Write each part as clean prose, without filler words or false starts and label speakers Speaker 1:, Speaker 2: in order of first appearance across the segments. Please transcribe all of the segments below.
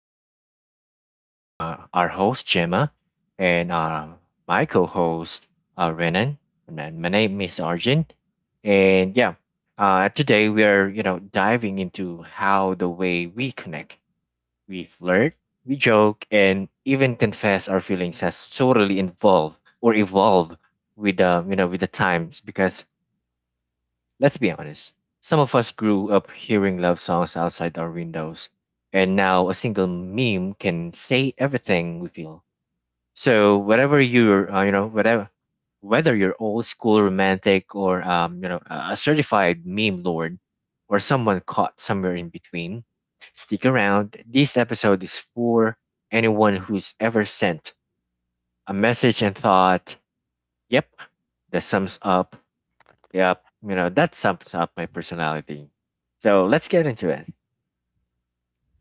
Speaker 1: want to say thank you for our host, Gemma, and my co host, Renan. And then my name is Arjun. And today we are, diving into how the way we connect, we flirt, we joke, and even confess our feelings has totally involved or evolved with, with the times because let's be honest, some of us grew up hearing love songs outside our windows, and now a single meme can say everything we feel. So whatever you're, you know, whatever, whether you're old school romantic or a certified meme lord, or someone caught somewhere in between, stick around. This episode is for anyone who's ever sent a message and thought, "Yep, that sums up that sums up my personality." So let's get into it.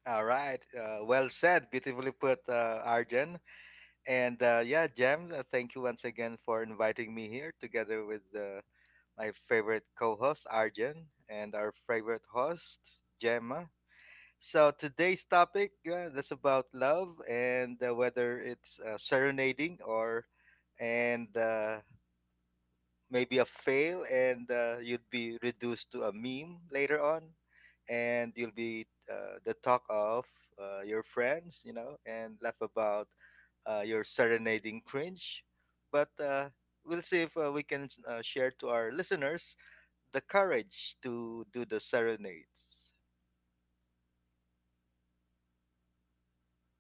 Speaker 2: All right. Well said. Beautifully put, Arjen. And Yeah, Jem, thank you once again for inviting me here together with my favorite co host, Arjen, and our favorite host, Gemma. So today's topic, that's about love, and, whether it's serenading or and maybe a fail, and you'd be reduced to a meme later on, and you'll be the talk of your friends and laugh about your serenading cringe. But we'll see if we can share to our listeners the courage to do the serenades.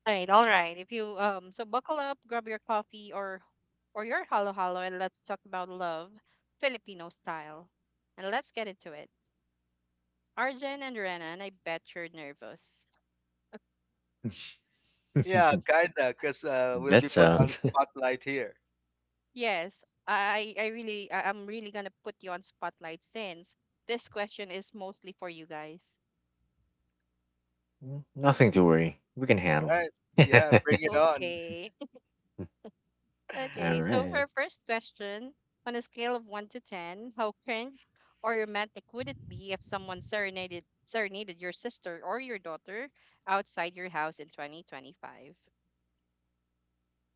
Speaker 3: Right, all right. If you so buckle up, grab your coffee or your halo halo, and let's talk about love, Filipino style. And let's get into it. Arjen and Renan, I bet you're nervous.
Speaker 2: Yeah, kinda, because we'll be
Speaker 1: That's
Speaker 2: put
Speaker 3: Yes,
Speaker 1: uh
Speaker 3: m-
Speaker 2: on spotlight here.
Speaker 3: yes, I'm really gonna put you on spotlight, since this question is mostly for you guys.
Speaker 1: Nothing to worry. We can
Speaker 2: All
Speaker 1: handle.
Speaker 2: right,
Speaker 1: All
Speaker 2: yeah, bring it on.
Speaker 3: Okay. Okay, so for
Speaker 1: right.
Speaker 3: our first question, on a scale of 1 to 10, how cringe or romantic would it be if someone serenaded your sister or your daughter outside your house in 2025?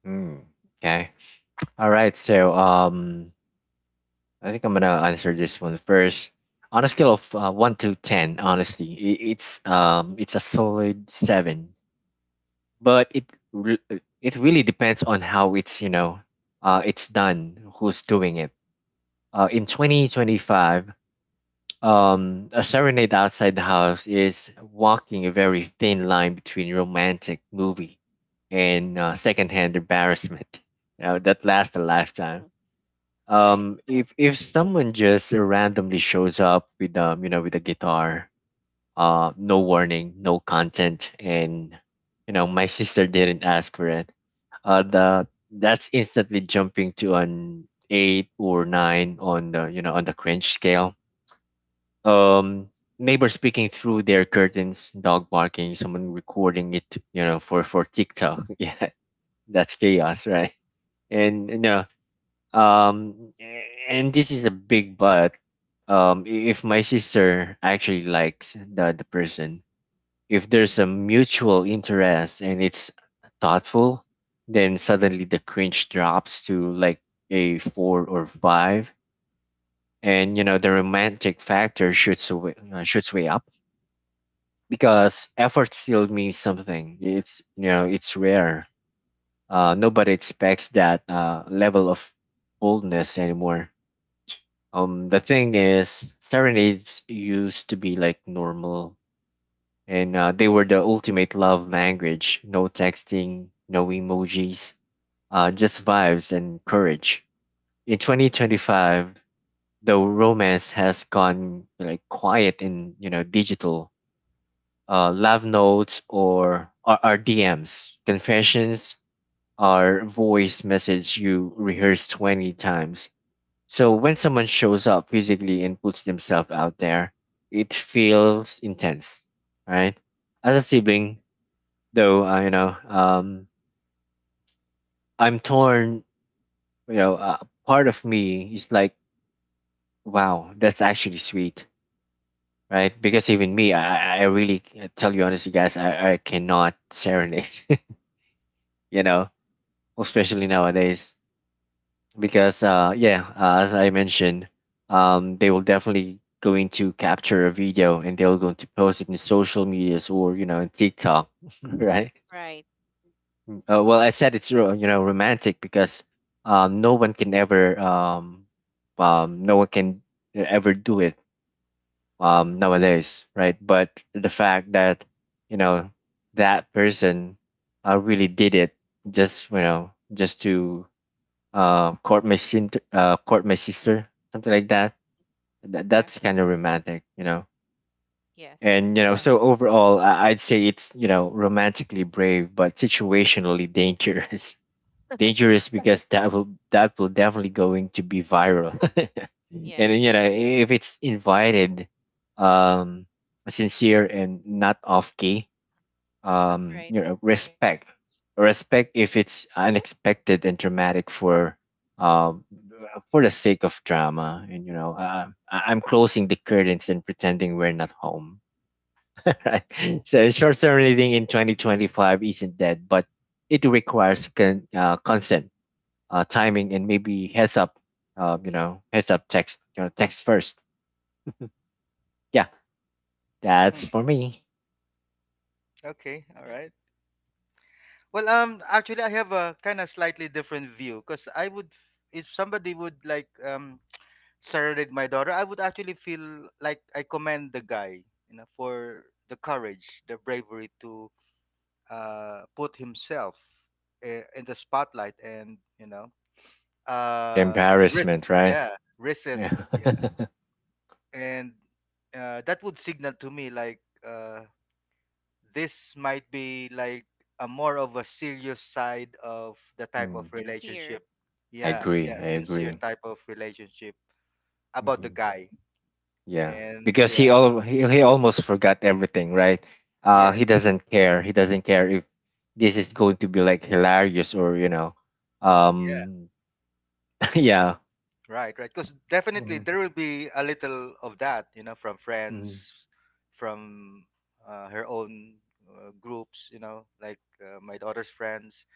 Speaker 1: Mm. Okay. All right. I think I'm gonna answer this one first. On a scale of one to ten, honestly, it's a solid seven. But re- it really depends on how it's done. Who's doing it? In 2025, a serenade outside the house is walking a very thin line between romantic movie and secondhand embarrassment. You know, that lasts a lifetime.
Speaker 3: Mm. Right?
Speaker 1: Um, if if someone just randomly shows up with with a guitar, no warning, no content, and you know, my sister didn't ask for it. The that's instantly jumping to an eight or nine on the you know on the cringe scale. um Neighbors speaking through their curtains, dog barking, someone recording it, you know, for TikTok. Yeah, that's chaos, right? And um this is a big but. If my sister actually likes the person, if there's a mutual interest and it's thoughtful, then suddenly the cringe drops to like a four or five, and you know, the romantic factor shoots way up because effort still means something. It's, you know, it's rare. Nobody expects that level of boldness anymore. The thing is, serenades used to be like normal, and they were the ultimate love language. No texting, no emojis, just vibes and courage. In 2025, the romance has gone like quiet and, you know, digital. Uh, love notes are DMs. Confessions are voice message you rehearse 20 times. So when someone shows up physically and puts themselves out there, it feels intense, right? As a sibling, though, I'm torn. You know, part of me is like, wow, that's actually sweet, right? Because even me, I really I tell you honestly, guys, I cannot serenade. You know, especially nowadays because as I mentioned, they will definitely going to capture a video, and they're going to post it in social medias, or you know, in TikTok. Right.
Speaker 3: Right.
Speaker 1: Well, I said it's romantic because um no one can ever um no one can ever do it nowadays, right? But the fact that, you know, that person really did it just, you know, just to court my sister, something like that. That
Speaker 3: Yeah.
Speaker 1: that's kind of romantic, you know.
Speaker 3: Yes.
Speaker 1: And so overall, I'd say it's, you know, romantically brave, but situationally dangerous. Dangerous because that will definitely going to be viral. And then,
Speaker 3: Yes.
Speaker 1: you know, if it's invited, um, sincere and not off key,
Speaker 3: Right.
Speaker 1: you know, respect. Respect if it's unexpected and dramatic um, for the sake of drama. And you know, I'm closing the curtains and pretending we're not home. Right? So short-term reading in 2025 isn't dead, but it requires consent, timing, and maybe heads up. You know, heads up text. You know, text first. Yeah, that's
Speaker 2: Hmm,
Speaker 1: for me.
Speaker 2: okay, all
Speaker 3: Right.
Speaker 2: right. Well, actually, I have a kind of slightly different view, because I would, if somebody would like serenade my daughter, I would actually feel like I commend the guy, you know, for the courage, the bravery to put himself in the spotlight, and you know,
Speaker 1: The
Speaker 2: risk,
Speaker 1: embarrassment, right?
Speaker 2: yeah, risk it.
Speaker 1: Yeah.
Speaker 2: Yeah, and that would signal to me like. This might be like a more of a serious side of the type of
Speaker 1: Hmm.
Speaker 2: relationship.
Speaker 3: Sincere.
Speaker 1: I
Speaker 2: Yeah,
Speaker 3: Yeah.
Speaker 1: agree.
Speaker 2: yeah,
Speaker 1: I
Speaker 2: sincere
Speaker 1: agree.
Speaker 2: type of relationship about the
Speaker 1: Hmm.
Speaker 2: guy.
Speaker 1: Yeah,
Speaker 2: And
Speaker 1: because
Speaker 2: yeah,
Speaker 1: he almost forgot everything, right?
Speaker 2: yes.
Speaker 1: He doesn't care. He doesn't care if this is going to be like hilarious or you know,
Speaker 2: Yeah,
Speaker 1: um, yeah,
Speaker 2: right, right. Because definitely
Speaker 1: hmm,
Speaker 2: there will be a little of that, you know, from
Speaker 1: hmm,
Speaker 2: friends, from her own groups, you know, like my daughter's friends.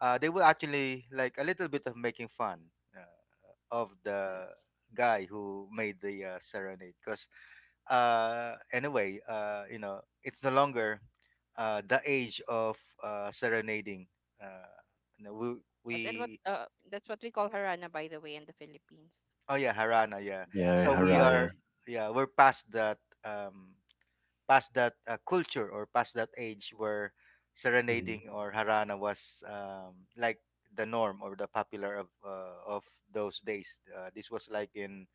Speaker 2: They will actually like a little bit of making fun uh, of the
Speaker 3: Yes.
Speaker 2: guy who made the serenade, because anyway, you know, it's no longer the age of serenading. uh you know,
Speaker 3: Yes. And what
Speaker 2: we
Speaker 3: that's what we call harana, by the way, in the Philippines.
Speaker 2: oh yeah, harana, yeah.
Speaker 1: yeah,
Speaker 2: So we are,
Speaker 1: Harana.
Speaker 2: yeah, we're past that. um Past that culture, or past that age where
Speaker 1: Hmm.
Speaker 2: serenading or harana was like the norm or the popular of those days. This was like in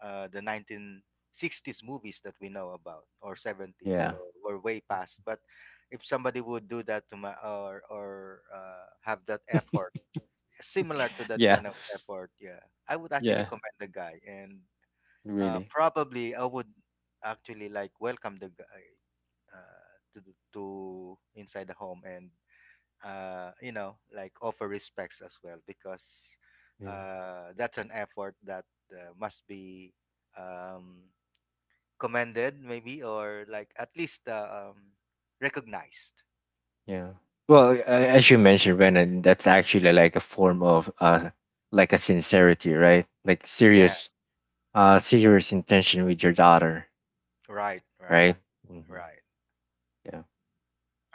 Speaker 2: the 1960s movies that we know about, or 70s. So
Speaker 1: Yeah,
Speaker 2: we're way past. But if somebody would do that to my or have that effort similar to
Speaker 3: Mm-hmm.
Speaker 2: that
Speaker 1: yeah,
Speaker 2: kind of effort, yeah, I would actually
Speaker 1: yeah.
Speaker 2: commend the guy. And
Speaker 1: Really.
Speaker 2: probably I would actually like welcome the guy to inside the home, and you know, like offer respects as well, because
Speaker 1: Yeah,
Speaker 2: that's an effort that must be, um, commended maybe, or like at least, recognized.
Speaker 1: yeah. Well, as you mentioned, Renan, that's actually like a form of like a sincerity, right? Like
Speaker 2: Yeah,
Speaker 1: serious, serious intention with your daughter.
Speaker 2: right, right,
Speaker 1: Right? Mhm.
Speaker 2: right.
Speaker 1: Yeah.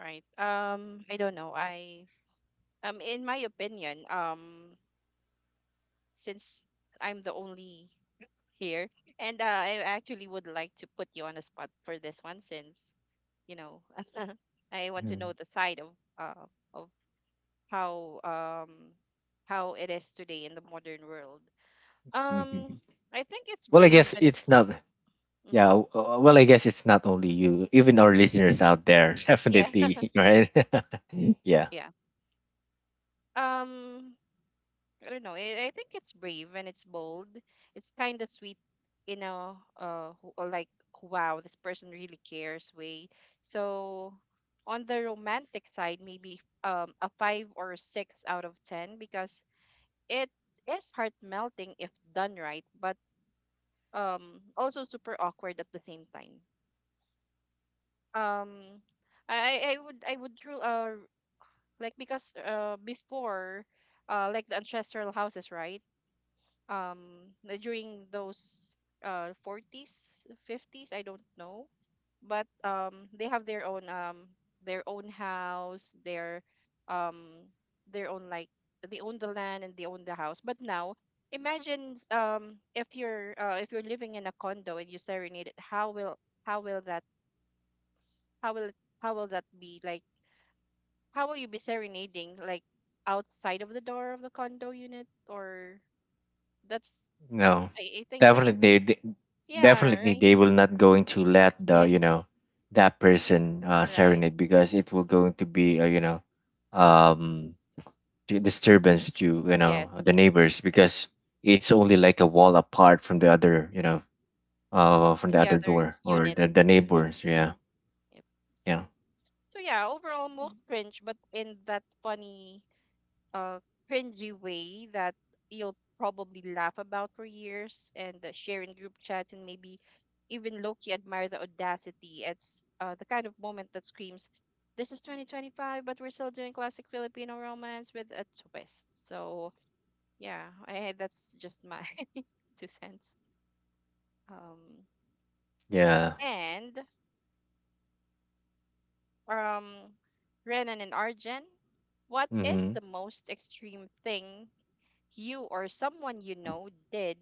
Speaker 3: Right. I don't know. I In my opinion, since I'm the only here. And I actually would like to put you on the spot for this one since, you know, I want to know
Speaker 1: Mhm.
Speaker 3: the side of uh, of how um how it is today in the modern world. Um
Speaker 1: Mhm.
Speaker 3: I think it's
Speaker 1: Well, I
Speaker 3: brave
Speaker 1: guess
Speaker 3: and
Speaker 1: it's
Speaker 3: it's
Speaker 1: not. Yeah.
Speaker 3: hmm.
Speaker 1: Well, I guess it's not only you. Even our listeners out there,
Speaker 3: Yeah.
Speaker 1: definitely, right? Yeah.
Speaker 3: Yeah. Um I don't know. I think it's brave and it's bold. It's kind of sweet, you know, or like, wow, this person really cares way. So on the romantic side, maybe a five or a six out of 10, because it is heart melting if done right, but also super awkward at the same time. Um, I would, tru- Like, because before, like the ancestral houses, right? um During those 40s, 50s, I don't know, but they have their own house, um their own like, they own the land and they own the house. But now, imagine if you're living in a condo and you serenade it, how will how will that how will how will that be like? How will you be serenading, like outside of the door of the condo unit, or that's
Speaker 1: No,
Speaker 3: I think that's
Speaker 1: definitely, they-
Speaker 3: Yeah,
Speaker 1: definitely,
Speaker 3: right.
Speaker 1: they will not going to let the you know
Speaker 3: Yes,
Speaker 1: that person
Speaker 3: right.
Speaker 1: serenade because it will
Speaker 3: Mhm.
Speaker 1: going to be um to disturbance to, you know, the
Speaker 3: Yes,
Speaker 1: neighbors
Speaker 3: yeah,
Speaker 1: because it's only like a wall apart from the other, you know,
Speaker 3: yeah.
Speaker 1: from
Speaker 3: From
Speaker 1: the
Speaker 3: the
Speaker 1: other
Speaker 3: other
Speaker 1: door or
Speaker 3: unit.
Speaker 1: the
Speaker 3: Hmm.
Speaker 1: neighbors. Yeah,
Speaker 3: Yep.
Speaker 1: yeah,
Speaker 3: So yeah, overall more cringe, but in that funny, uh, cringy way that you'll probably laugh about for years and share in group chats and maybe even low-key admire the audacity. It's the kind of moment that screams, "This is 2025, but we're still doing classic Filipino romance with a twist." So yeah, that's just my two cents. Um,
Speaker 1: yeah.
Speaker 3: and um, Renan and Arjen, what is
Speaker 1: Mhm,
Speaker 3: the most extreme thing you or someone you know did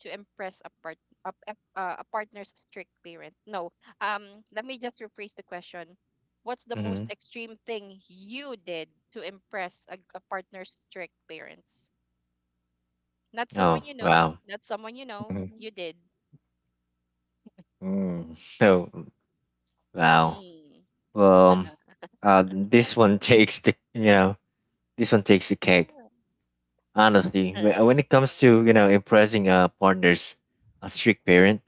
Speaker 3: to impress a partner's strict parent? No. Let me just rephrase the question. What's the most
Speaker 1: mhm.
Speaker 3: extreme thing you did to impress a partner's strict parents? Not
Speaker 1: Oh
Speaker 3: someone you know,
Speaker 1: wow.
Speaker 3: not someone you know,
Speaker 1: Mhm.
Speaker 3: you did.
Speaker 1: Mm. So wow.
Speaker 3: Hmm.
Speaker 1: Well, um. Uh. This one takes the you know this one takes the cake. Honestly,
Speaker 3: Uh.
Speaker 1: When it comes to, you know, impressing a strict parent,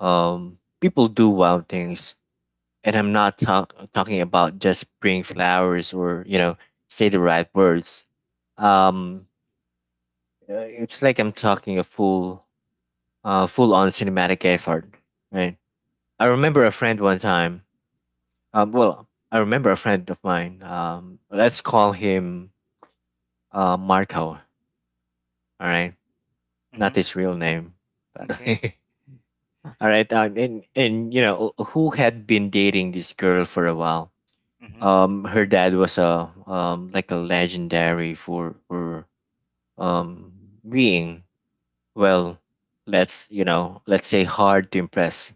Speaker 1: people do wild things, and I'm not talking about just bring flowers or, you know, say the right words. Um, Uh, it's like I'm talking a full-on cinematic effort, right? I remember a friend one time. I remember a friend of mine. Let's call him Marco. All right,
Speaker 2: Mm-hmm.
Speaker 1: not his real name, by the
Speaker 2: Okay.
Speaker 1: way. All right, and you know, who had been dating this girl for a while.
Speaker 2: Mm-hmm.
Speaker 1: Her dad was a like a legendary for um being, well, let's, you know, let's say hard to impress,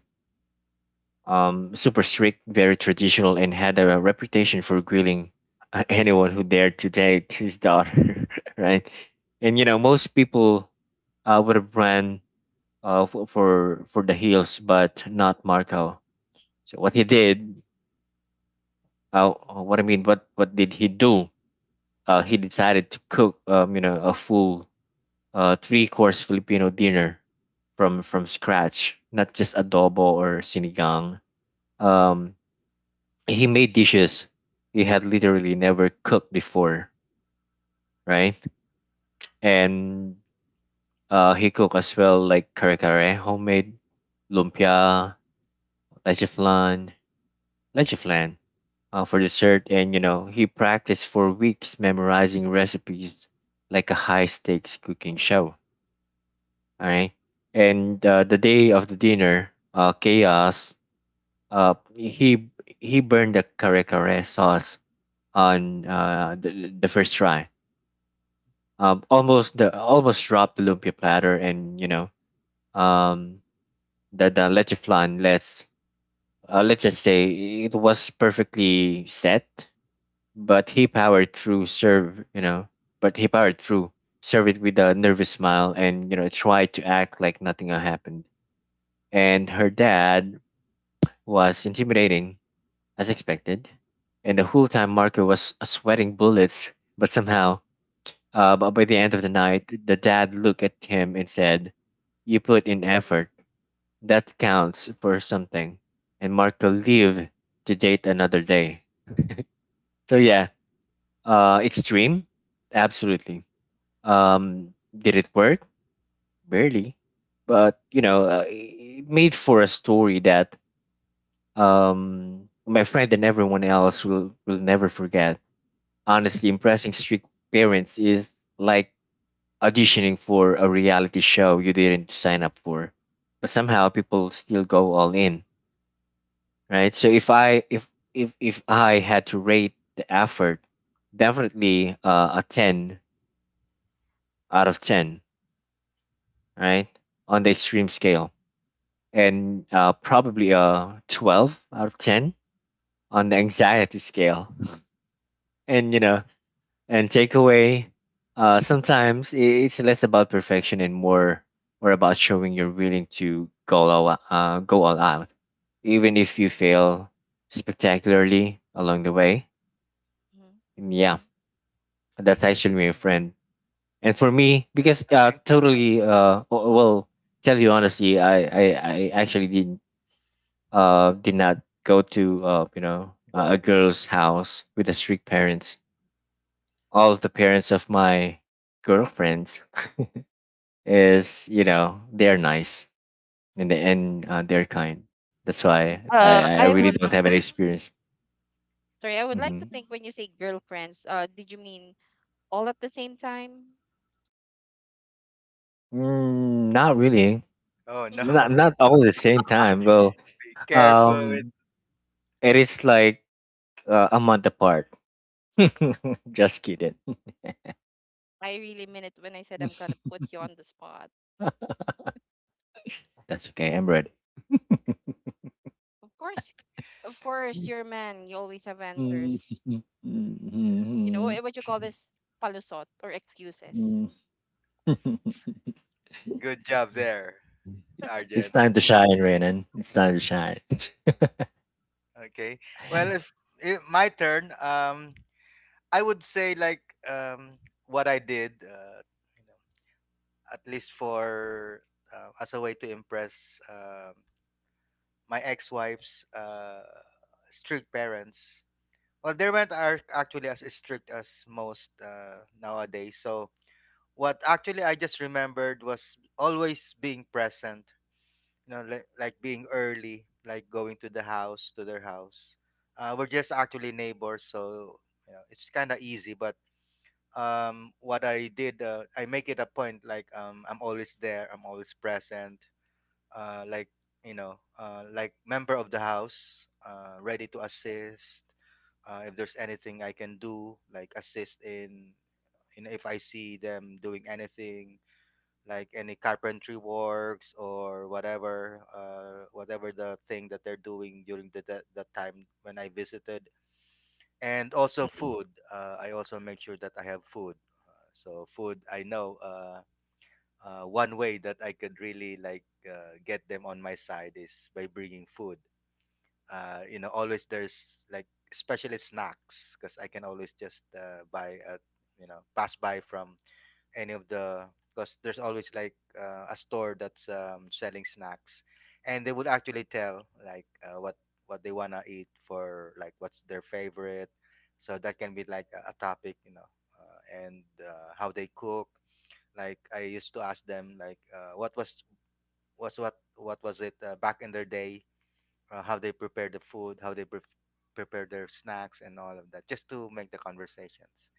Speaker 1: super strict, very traditional, and had a reputation for grilling, anyone who dared to date his daughter, right? And you know, most people would have ran for the hills, but not Marco. So what he did, what did he do? He decided to cook, you know, a full three-course Filipino dinner from scratch, not just adobo or sinigang. Um, he made dishes he had literally never cooked before, right? And he cooked as well like kare kare, homemade lumpia, leche flan, leche flan for dessert. And you know, he practiced for weeks memorizing recipes like a high stakes cooking show, all right? And the day of the dinner, chaos. Uh, he he burned the kare kare sauce on the first try, almost dropped the lumpia platter, and you know, um, the leche flan. Let's just say it was perfectly set, but he powered through. Serve, you know, but he powered through. Serve it with a nervous smile, and you know, tried to act like nothing had happened. And her dad was intimidating, as expected, and the whole time Marco was sweating bullets, but somehow. But by the end of the night, the dad looked at him and said, "You put in effort. That counts for something." And mark the leave to date another day. So yeah, uh, extreme? Absolutely. Um, did it work? Barely. But, you know, it made for a story that my friend and everyone else will never forget. Honestly, impressing strict parents is like auditioning for a reality show you didn't sign up for, but somehow people still go all in, right? So if I had to rate the effort, definitely a 10 out of 10, right? On the extreme scale, and probably a 12 out of 10 on the anxiety scale. And you know, and takeaway, it's less about perfection and more about showing you're willing to go all out even if you fail spectacularly along the way.
Speaker 3: Mhm.
Speaker 1: And yeah, that's
Speaker 2: Mm-hmm.
Speaker 1: actually my friend. And for me, because
Speaker 2: Okay.
Speaker 1: well, tell you honestly, I actually did not go to, uh, you know, a girl's house with the strict parents. All of the parents of my girlfriends is, you know, they're nice, and they're kind. That's why I
Speaker 3: I
Speaker 1: really
Speaker 3: would
Speaker 1: don't have any experience.
Speaker 3: Sorry, I would like to
Speaker 1: Hmm.
Speaker 3: think, when you say girlfriends, did you mean all at the same time?
Speaker 1: Mm, not really.
Speaker 2: Oh no.
Speaker 1: Not all at the same time. Well,
Speaker 2: Be careful with.
Speaker 1: um, it is like a month apart. Just kidding.
Speaker 3: I really meant it when I said I'm gonna put you on the spot.
Speaker 1: That's okay. I'm ready.
Speaker 3: Of course, of course, you're a man. You always have answers. You know eh, what you call this, palusot or excuses.
Speaker 2: Good job there,
Speaker 1: It's
Speaker 2: Arjen.
Speaker 1: time to shine, Renan. It's time to shine.
Speaker 2: Okay. Well, if it, my turn, I would say like, um what I did, you know, at least for as a way to impress my ex-wife's strict parents. Well, there weren't are actually as strict as most nowadays. So what actually I just remembered was always being present. You know, like being early, like going to the house to their house. We're just actually neighbors, so you know it's kind of easy. But what I did, I make it a point. Like, I'm always there. I'm always present. Like, you know, like member of the house, ready to assist if there's anything I can do, like assist in, you know, if I see them doing anything, like any carpentry works or whatever, whatever the thing that they're doing during the time when I visited. And also
Speaker 1: Mhm,
Speaker 2: food. I also make sure that I have food. So food, I know, one way that I could really like get them on my side is by bringing food. You know, always there's like especially snacks, because I can always just buy at, you know, pass by from any of the, because there's always like a store that's, selling snacks, and they would actually tell like what they wanna eat for, like what's their favorite, so that can be like a topic, you know, and how they cook. Like I used to ask them like, what was it back in their day, how they prepare the food, how they prepare their snacks, and all of that, just to make the conversations.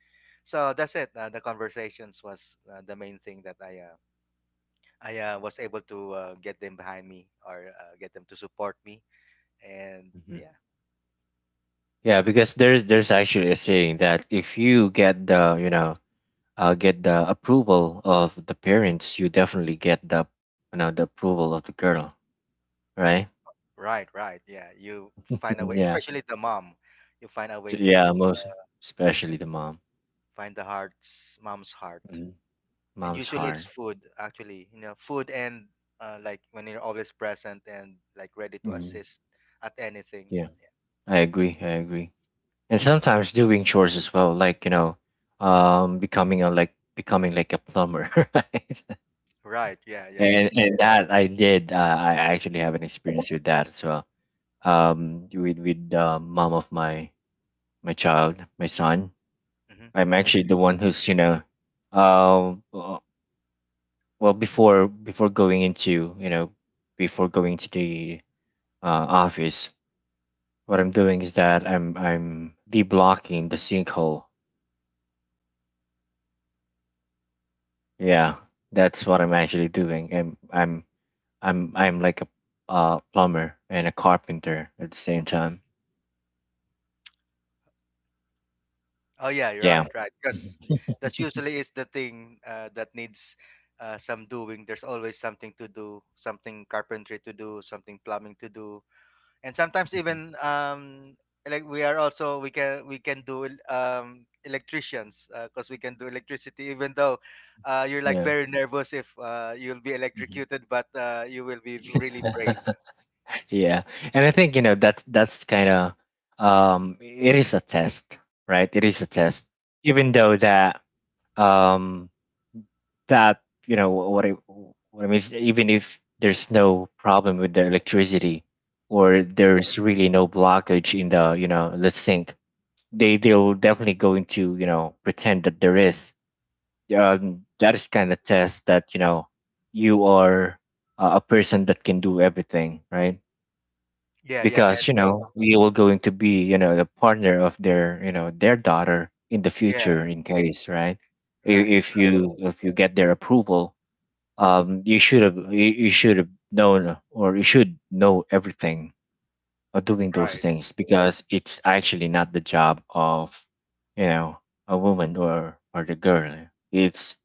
Speaker 2: So that's it. The conversations was the main thing that I was able to get them behind me, or get them to support me. And
Speaker 1: mhm.
Speaker 2: yeah,
Speaker 1: Yeah, because there's actually a saying that if you get the you know get the approval of the parents, you definitely get the the approval of the girl, right?
Speaker 2: right, right, yeah. You find a way,
Speaker 1: Mhm. Yeah,
Speaker 2: especially the mom. You find a way
Speaker 1: so, yeah,
Speaker 2: to
Speaker 1: most especially the mom.
Speaker 2: find the heart's mom's heart,
Speaker 1: Mhm.
Speaker 2: and
Speaker 1: Mom's
Speaker 2: usually it's
Speaker 1: heart.
Speaker 2: food. Actually, you know, food, and like when you're always present and like ready to
Speaker 1: Mm,
Speaker 2: assist at anything.
Speaker 1: yeah, I agree. I agree. And sometimes doing chores as well, like becoming a becoming like a plumber, right?
Speaker 2: Right. Yeah. Yeah.
Speaker 1: And that I did. I actually have an experience with that as well. With the mom of my child, my son.
Speaker 2: Hmm.
Speaker 1: I'm actually the one who's um, uh, before going to the office. What I'm doing is that I'm deblocking the sinkhole. Yeah, that's what I'm actually doing. I'm like a plumber and a carpenter at the same time.
Speaker 2: Oh, yeah. You're
Speaker 1: Yeah.
Speaker 2: right. Right. Because
Speaker 1: Mhm,
Speaker 2: that usually is the thing that needs some doing. There's always something to do, something carpentry to do, something plumbing to do, and sometimes
Speaker 1: mhm.
Speaker 2: even, like we are also we can do electricians, because we can do electricity even though you're like
Speaker 1: Yeah.
Speaker 2: very nervous if you'll be
Speaker 1: Mhm.
Speaker 2: electrocuted, but you will be really brave.
Speaker 1: Yeah. And I think, you know, that that's kind of it is a test, right? It is a test. Even though that um that, you know, what I mean is, even if there's no problem with the electricity, or there's really no blockage in the, you know, the sink, they'll definitely going to, you know, pretend that there is. That is kind of test that, you know, you are a person that can do everything, right?
Speaker 2: Yeah. Yeah. And
Speaker 1: Because you— yeah, know you will going to be, you know, the partner of their, you know, their daughter in the
Speaker 2: yeah.
Speaker 1: future, in case, right? I-
Speaker 2: Right.
Speaker 1: if you get their approval, you should have— you should have known, or you should know everything doing those
Speaker 2: Right.
Speaker 1: things, because it's actually not the job of, you know, a woman or the girl. It's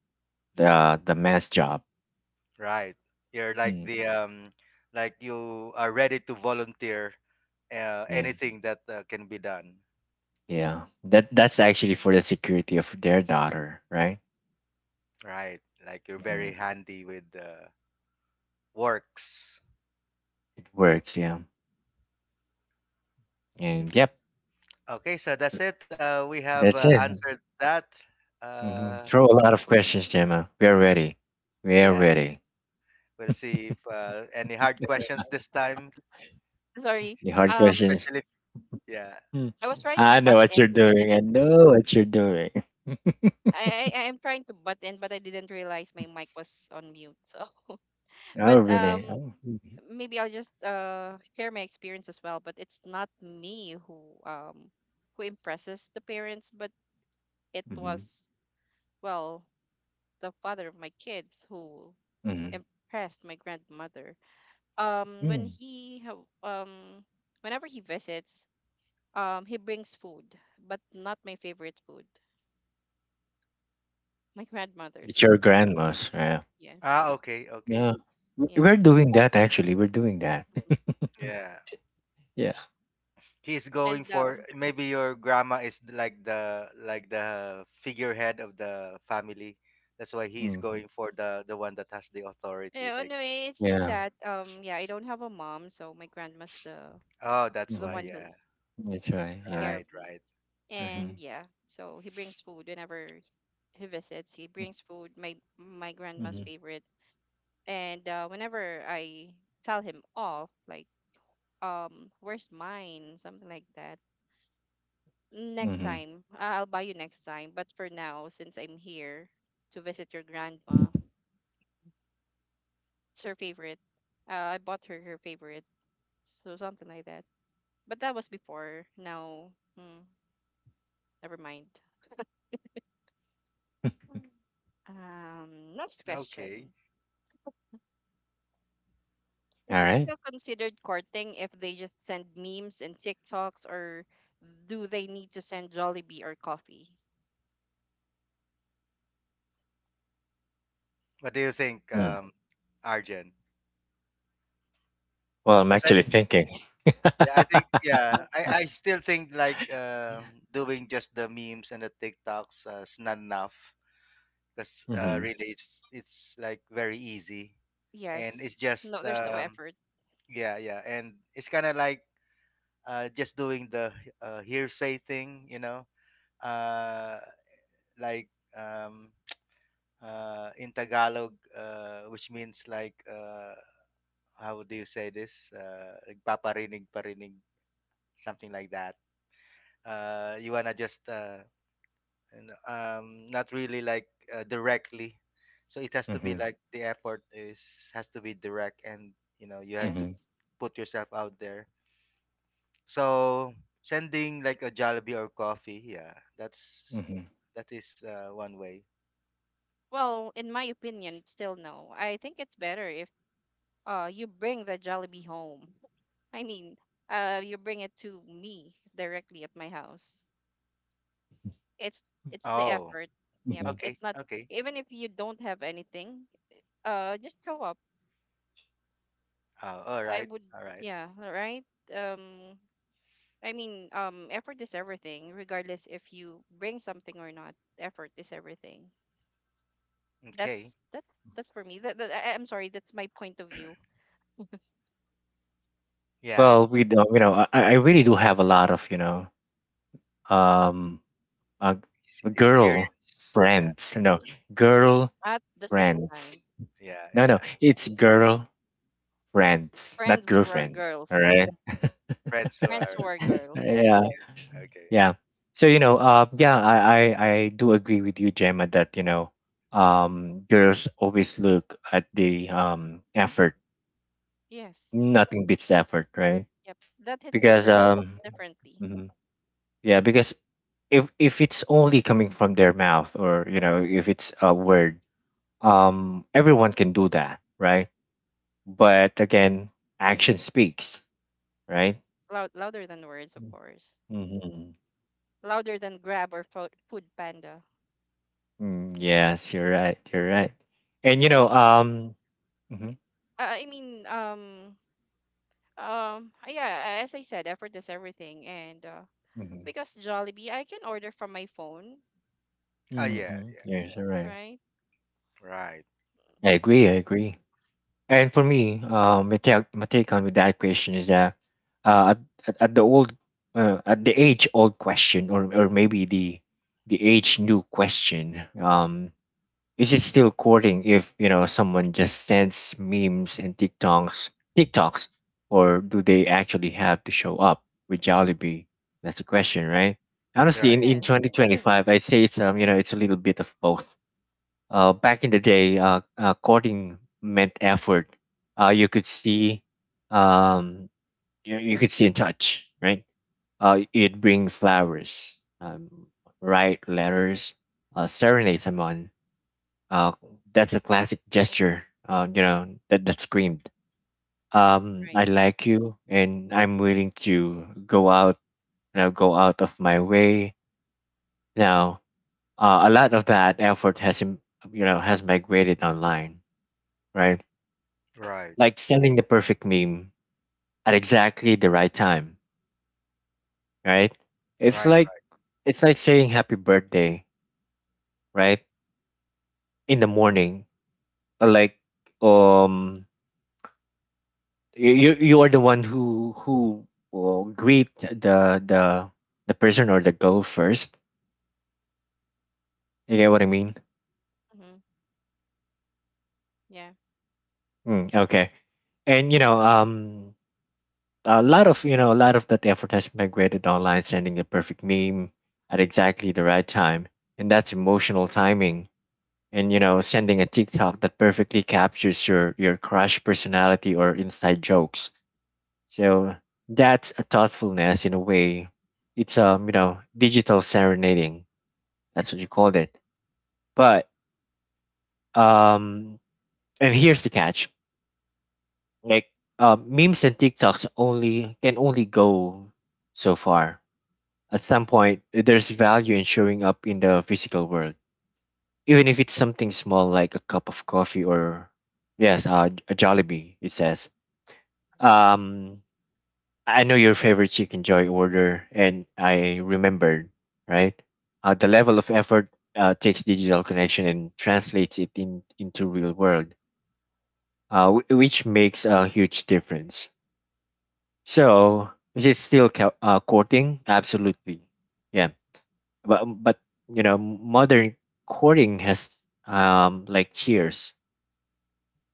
Speaker 1: the man's job.
Speaker 2: Right. You're like
Speaker 1: Mm,
Speaker 2: the, like you are ready to volunteer
Speaker 1: yeah,
Speaker 2: anything that can be done.
Speaker 1: yeah, that's actually for the security of their daughter, right?
Speaker 2: Right. Like you're very
Speaker 1: Mm,
Speaker 2: handy with works.
Speaker 1: it works. Yeah, and yep,
Speaker 2: Okay, so that's it. We have
Speaker 1: that's it.
Speaker 2: answered that.
Speaker 1: Hmm,
Speaker 2: Uh,
Speaker 1: throw a lot of questions, Gemma, we are ready. we are
Speaker 2: yeah,
Speaker 1: ready
Speaker 2: we'll see if any hard questions this time,
Speaker 3: Sorry.
Speaker 1: the hard
Speaker 3: Um,
Speaker 1: questions.
Speaker 2: especially. Yeah.
Speaker 1: Mm.
Speaker 3: I was trying to
Speaker 1: I know
Speaker 3: butt
Speaker 1: what
Speaker 3: in,
Speaker 1: you're
Speaker 3: but I
Speaker 1: doing I
Speaker 3: didn't.
Speaker 1: know what you're doing
Speaker 3: I am trying to butt in, but I didn't realize my mic was on mute. So,
Speaker 1: Oh,
Speaker 3: but
Speaker 1: really? Oh.
Speaker 3: maybe I'll just share my experience as well, but it's not me um who impresses the parents, but it
Speaker 1: Hmm.
Speaker 3: was well, the father of my kids, who impressed my grandmother. Um, when
Speaker 1: Hmm.
Speaker 3: he ha- um Whenever he visits, he brings food, but not my favorite food, my
Speaker 1: It's
Speaker 3: grandmother's.
Speaker 1: your grandma's. Yeah.
Speaker 2: Ah,
Speaker 3: Yes.
Speaker 2: okay, okay.
Speaker 1: Yeah.
Speaker 3: Yep.
Speaker 1: We're doing that actually. We're doing that.
Speaker 3: Mhm.
Speaker 2: Yeah.
Speaker 1: Yeah.
Speaker 2: He's going
Speaker 3: And
Speaker 2: for, maybe your grandma is like the figurehead of the family. That's why he's
Speaker 1: Mm.
Speaker 2: going for the one that has the authority,
Speaker 3: yeah,
Speaker 2: like.
Speaker 3: anyway, it's just
Speaker 1: Yeah.
Speaker 3: that yeah, I don't have a mom, so my grandma's
Speaker 2: Oh, that's
Speaker 3: the
Speaker 2: why.
Speaker 1: Hmm.
Speaker 3: one who
Speaker 2: Yeah,
Speaker 1: That's right. Yeah.
Speaker 3: care of
Speaker 2: right,
Speaker 3: me.
Speaker 2: right, right.
Speaker 1: Mm-hmm.
Speaker 3: And yeah, so he brings food whenever he visits. He brings food, my grandma's
Speaker 1: Mm-hmm.
Speaker 3: favorite. And whenever I tell him off, like, where's mine? Something like that. Next
Speaker 1: Mm-hmm.
Speaker 3: time, I'll buy you next time. But for now, since I'm here to visit your grandma, it's her favorite. I bought her her favorite. So something like that. But that was before. Now, mm, never mind. Mm. Um, next
Speaker 2: Okay.
Speaker 3: question.
Speaker 1: All
Speaker 3: Is it
Speaker 1: right.
Speaker 3: still considered courting if they just send memes and TikToks, or do they need to send Jollibee or coffee?
Speaker 2: What do you think,
Speaker 1: Mm.
Speaker 2: Arjen?
Speaker 1: Well, I'm
Speaker 2: Because I.
Speaker 1: actually thinking.
Speaker 2: Yeah, I think, yeah, I still think like, doing just the memes and the TikToks is not enough, because
Speaker 1: Mm-hmm.
Speaker 2: really it's like very easy, and it's
Speaker 3: Yes.
Speaker 2: just
Speaker 3: No, there's no
Speaker 2: um
Speaker 3: effort.
Speaker 2: Yeah, yeah, and it's kind of like, just doing the hearsay thing, you know, uh, like, um, in Tagalog, which means like, how do you say this? Nagpaparinig parinig, something like that. You wanna just, and, not really like, directly, so it has to be
Speaker 1: Mm-hmm.
Speaker 2: like the effort is has to be direct, and you know you had to
Speaker 1: Mm-hmm.
Speaker 3: Yes.
Speaker 2: put yourself out there. So sending like a Jollibee or coffee, yeah, that's
Speaker 1: Mm-hmm.
Speaker 2: that is one way.
Speaker 3: Well, in my opinion, still no. I think it's better if you bring the Jollibee home. I mean, you bring it to me directly at my house. It's it's the
Speaker 2: Oh,
Speaker 3: effort. Yep.
Speaker 1: Mm-hmm.
Speaker 2: okay,
Speaker 3: It's not,
Speaker 2: okay.
Speaker 3: even if you don't have anything, just show up.
Speaker 2: Oh,
Speaker 3: I would
Speaker 2: all right,
Speaker 3: yeah, right? Um I mean, effort is everything, regardless if you bring something or not. Effort is everything.
Speaker 2: okay.
Speaker 3: That's that's that's for me. That, that I- I'm sorry, that's my point of view.
Speaker 2: Yeah,
Speaker 1: Well, we don't, you know, I really do have a lot of, um, uh, girl
Speaker 2: experience. Yeah,
Speaker 1: friends, you know, girl
Speaker 3: At the same
Speaker 1: friends.
Speaker 3: time,
Speaker 2: yeah,
Speaker 1: No, no,
Speaker 2: yeah.
Speaker 1: it's girl friends, not
Speaker 3: friends who are
Speaker 1: girlfriends. All
Speaker 3: girls,
Speaker 1: right.
Speaker 2: Friends who
Speaker 3: friends
Speaker 2: are
Speaker 3: who are
Speaker 1: Exactly.
Speaker 3: girls.
Speaker 1: Yeah. Yes.
Speaker 2: okay.
Speaker 1: Yeah. So you know, yeah, I do agree with you, Gemma, that girls always look at the effort.
Speaker 3: Yes,
Speaker 1: Nothing beats effort, right?
Speaker 3: yep. That hits
Speaker 1: Because
Speaker 3: different differently.
Speaker 1: mhm. Yeah, because if it's only coming from their mouth, or you know, if it's a word, everyone can do that, right? But again, action speaks, right?
Speaker 3: Loud, louder than words, of course.
Speaker 1: Mhm.
Speaker 3: Louder than Grab or fo- Food Panda.
Speaker 1: Mm, yes, you're right. You're right. And you
Speaker 3: I
Speaker 1: know,
Speaker 3: mean,
Speaker 1: hmm,
Speaker 3: I mean, yeah. As I said, effort is everything, and
Speaker 1: hmm,
Speaker 3: because Jollibee, I can order from my phone,
Speaker 2: Oh yeah,
Speaker 1: hmm,
Speaker 2: yeah.
Speaker 1: yes, you're right.
Speaker 3: right?
Speaker 2: Right,
Speaker 1: I agree. I agree. And for me, my take, on with that question is that, uh, at, at the old, at the age old question, or maybe the age new question, is it still courting if, you know, someone just sends memes and TikToks, or do they actually have to show up with Jollibee? That's the question, right? Honestly,
Speaker 2: right,
Speaker 1: in Mm.
Speaker 3: Yes,
Speaker 1: 2025, I'd say it's you know it's a little bit of both. Back in the day, courting meant effort. You could see, um, you could see and touch, right? It'd bring flowers, write letters, serenade someone, uh, that's a classic gesture. You know that that screamed.
Speaker 3: right.
Speaker 1: I like you, and I'm willing to go out. You know, go out of my way. Now, a lot of that effort has you know has migrated online, right?
Speaker 2: right,
Speaker 1: Like sending the perfect meme at exactly the right time, right? It's
Speaker 2: right,
Speaker 1: like
Speaker 2: right.
Speaker 1: it's like saying happy birthday, right? In the morning, uh, like um you are the one who will greet the person or the girl first. You get what I mean?
Speaker 3: Mm-hmm. Yeah.
Speaker 1: Mm, okay. And you know, a lot of that effort has migrated online, sending the perfect meme at exactly the right time, and that's emotional timing. And you know, sending a TikTok that perfectly captures your crush personality or inside jokes. So that's a thoughtfulness in a way. It's you know digital serenading. That's what you called it. But um, and here's the catch: like memes and TikToks only can only go so far. At some point, there's value in showing up in the physical world, even if it's something small like a cup of coffee or, yes, a Jollibee. It says, Um, I know your favorite chicken joy order, and I remembered, right. The level of effort takes digital connection and translates it in into real world, which makes a huge difference. So is it still courting? Absolutely, yeah. But you know, modern courting has like tiers.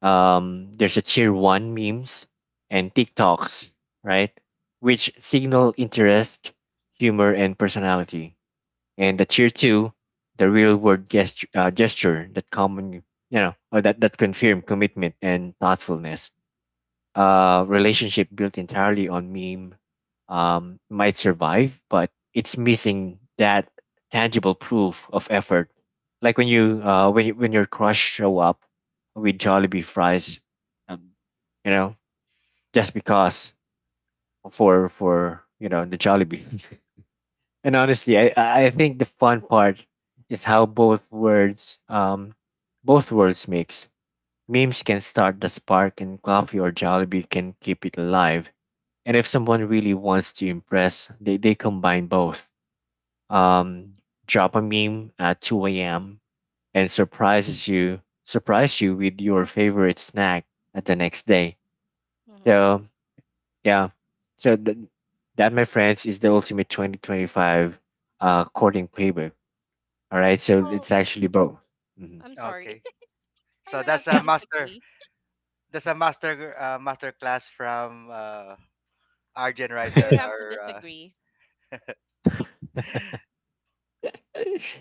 Speaker 1: There's a tier one, memes and TikToks, right? Which signal interest, humor, and personality. And the tier two, the real world gesture that common, you know, or that confirm commitment and thoughtfulness, relationship built entirely on meme, might survive, but it's missing that tangible proof of effort. Like when your crush show up with Jollibee fries, um, you know, just because, for you know the Jollibee. And honestly, I think the fun part is how both worlds mix. Memes can start the spark, and coffee or Jollibee can keep it alive, and if someone really wants to impress, they combine both. Um, drop a meme at 2 a.m. and surprise you with your favorite snack at the next day.
Speaker 3: Mm-hmm.
Speaker 1: So yeah, so th- that my friends is the ultimate 2025 courting playbook. All right, so
Speaker 3: Well,
Speaker 1: it's
Speaker 3: it,
Speaker 1: actually
Speaker 3: dep-
Speaker 1: both. Mhm.
Speaker 3: I'm sorry.
Speaker 2: Okay.
Speaker 3: I
Speaker 2: So
Speaker 3: would have
Speaker 2: that's
Speaker 3: to
Speaker 2: a
Speaker 1: Yeah,
Speaker 2: master.
Speaker 3: disagree.
Speaker 2: That's a master master class from Arjen right
Speaker 3: I would
Speaker 2: there.
Speaker 3: have to
Speaker 2: Or
Speaker 3: disagree.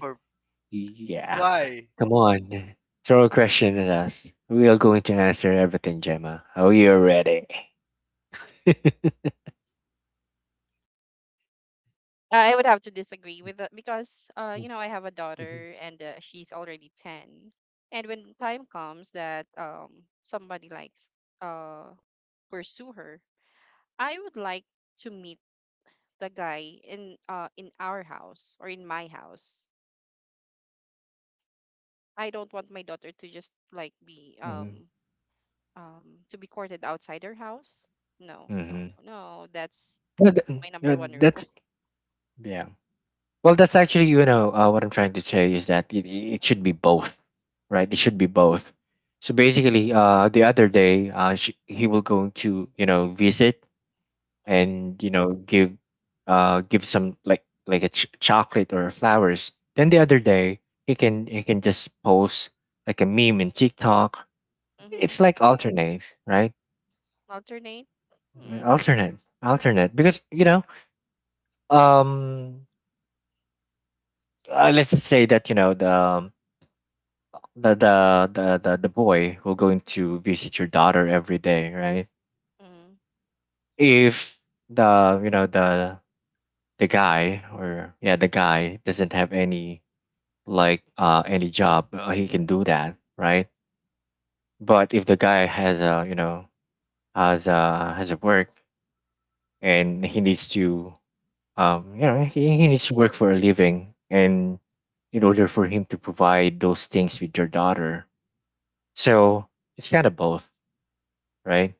Speaker 2: for
Speaker 1: yeah.
Speaker 2: why?
Speaker 1: Come on, throw a question at us. We are going to answer everything, Gemma. Are you ready?
Speaker 3: I would have to disagree with that because, you
Speaker 1: Mm,
Speaker 3: know, I have a
Speaker 1: mhm,
Speaker 3: daughter, and she's already 10. And when time comes that somebody likes uh pursue her, I would like to meet the guy in our house, or in my house. I don't want my daughter to just like be
Speaker 1: mhm,
Speaker 3: to be courted outside her house. No, no,
Speaker 1: mhm.
Speaker 3: no, no. That's
Speaker 1: Yeah,
Speaker 3: my number one rule.
Speaker 1: that's, yeah. Well, that's actually you know what I'm trying to say is that it should be both, right? It should be both. So basically, the other day, sh he will going to, you know, visit
Speaker 3: Mm-hmm, mm-hmm,
Speaker 1: and you know give, give some like a ch chocolate or flowers. Then the other day, he can just post like a meme in TikTok.
Speaker 3: mm-hmm.
Speaker 1: It's like alternate, right?
Speaker 3: Alternate. Hmm.
Speaker 1: Alternate, alternate, because you know. Um, let's just say that you know the boy who going to visit your daughter every day, right?
Speaker 3: Mm-hmm,
Speaker 1: If the you know the the guy or yeah the guy doesn't have any any job, he can do that, right? But if the guy has a, you know, has a work, and he needs to, you know, he needs to work for a living, and in order for him to provide those things with your daughter. So it's kind of both, right?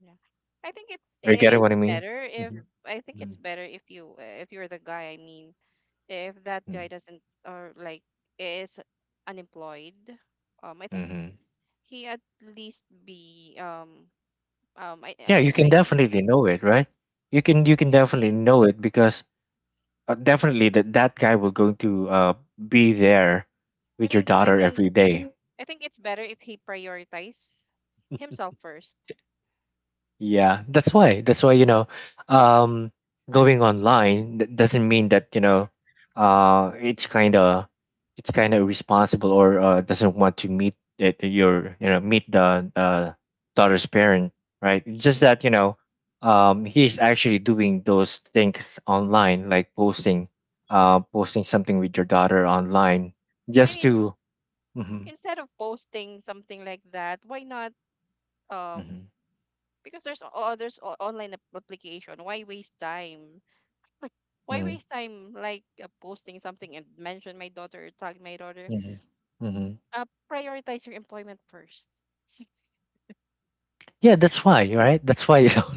Speaker 3: yeah. I think it's
Speaker 1: Are you getting
Speaker 3: it's
Speaker 1: what I mean?
Speaker 3: better if
Speaker 1: Mm-hmm.
Speaker 3: I think it's better if you if you're the guy. I mean, if that guy doesn't, or like, is unemployed, I think
Speaker 1: Hmm.
Speaker 3: he at least be um I I
Speaker 1: Yeah, you can
Speaker 3: I
Speaker 1: definitely
Speaker 3: mean,
Speaker 1: know it, right? You can
Speaker 3: yes.
Speaker 1: definitely know it, because definitely that that guy will going to be there
Speaker 3: I
Speaker 1: with your
Speaker 3: think I
Speaker 1: daughter
Speaker 3: mean
Speaker 1: every day.
Speaker 3: I think it's better if he prioritize himself first.
Speaker 1: Yeah, that's why. That's why, you know,
Speaker 3: Mhm,
Speaker 1: um, going online doesn't
Speaker 3: mhm.
Speaker 1: mean that, you know, it's kind of— it's kind of irresponsible, or doesn't want to meet it, your, you know, meet the, daughter's parent, right? It's just that, you know, he's actually doing those things online, like posting, posting something with your daughter online,
Speaker 3: I
Speaker 1: just
Speaker 3: mean,
Speaker 1: to. Hmm.
Speaker 3: instead of posting something like that, why not um
Speaker 1: Hmm.
Speaker 3: because there's online application. Why waste time? Why
Speaker 1: Hmm.
Speaker 3: waste time like posting something and mention my daughter or tag my daughter?
Speaker 1: Hmm. Hmm.
Speaker 3: Uh, Prioritize your employment first. So,
Speaker 1: Yeah, that's why, right? That's why, you know.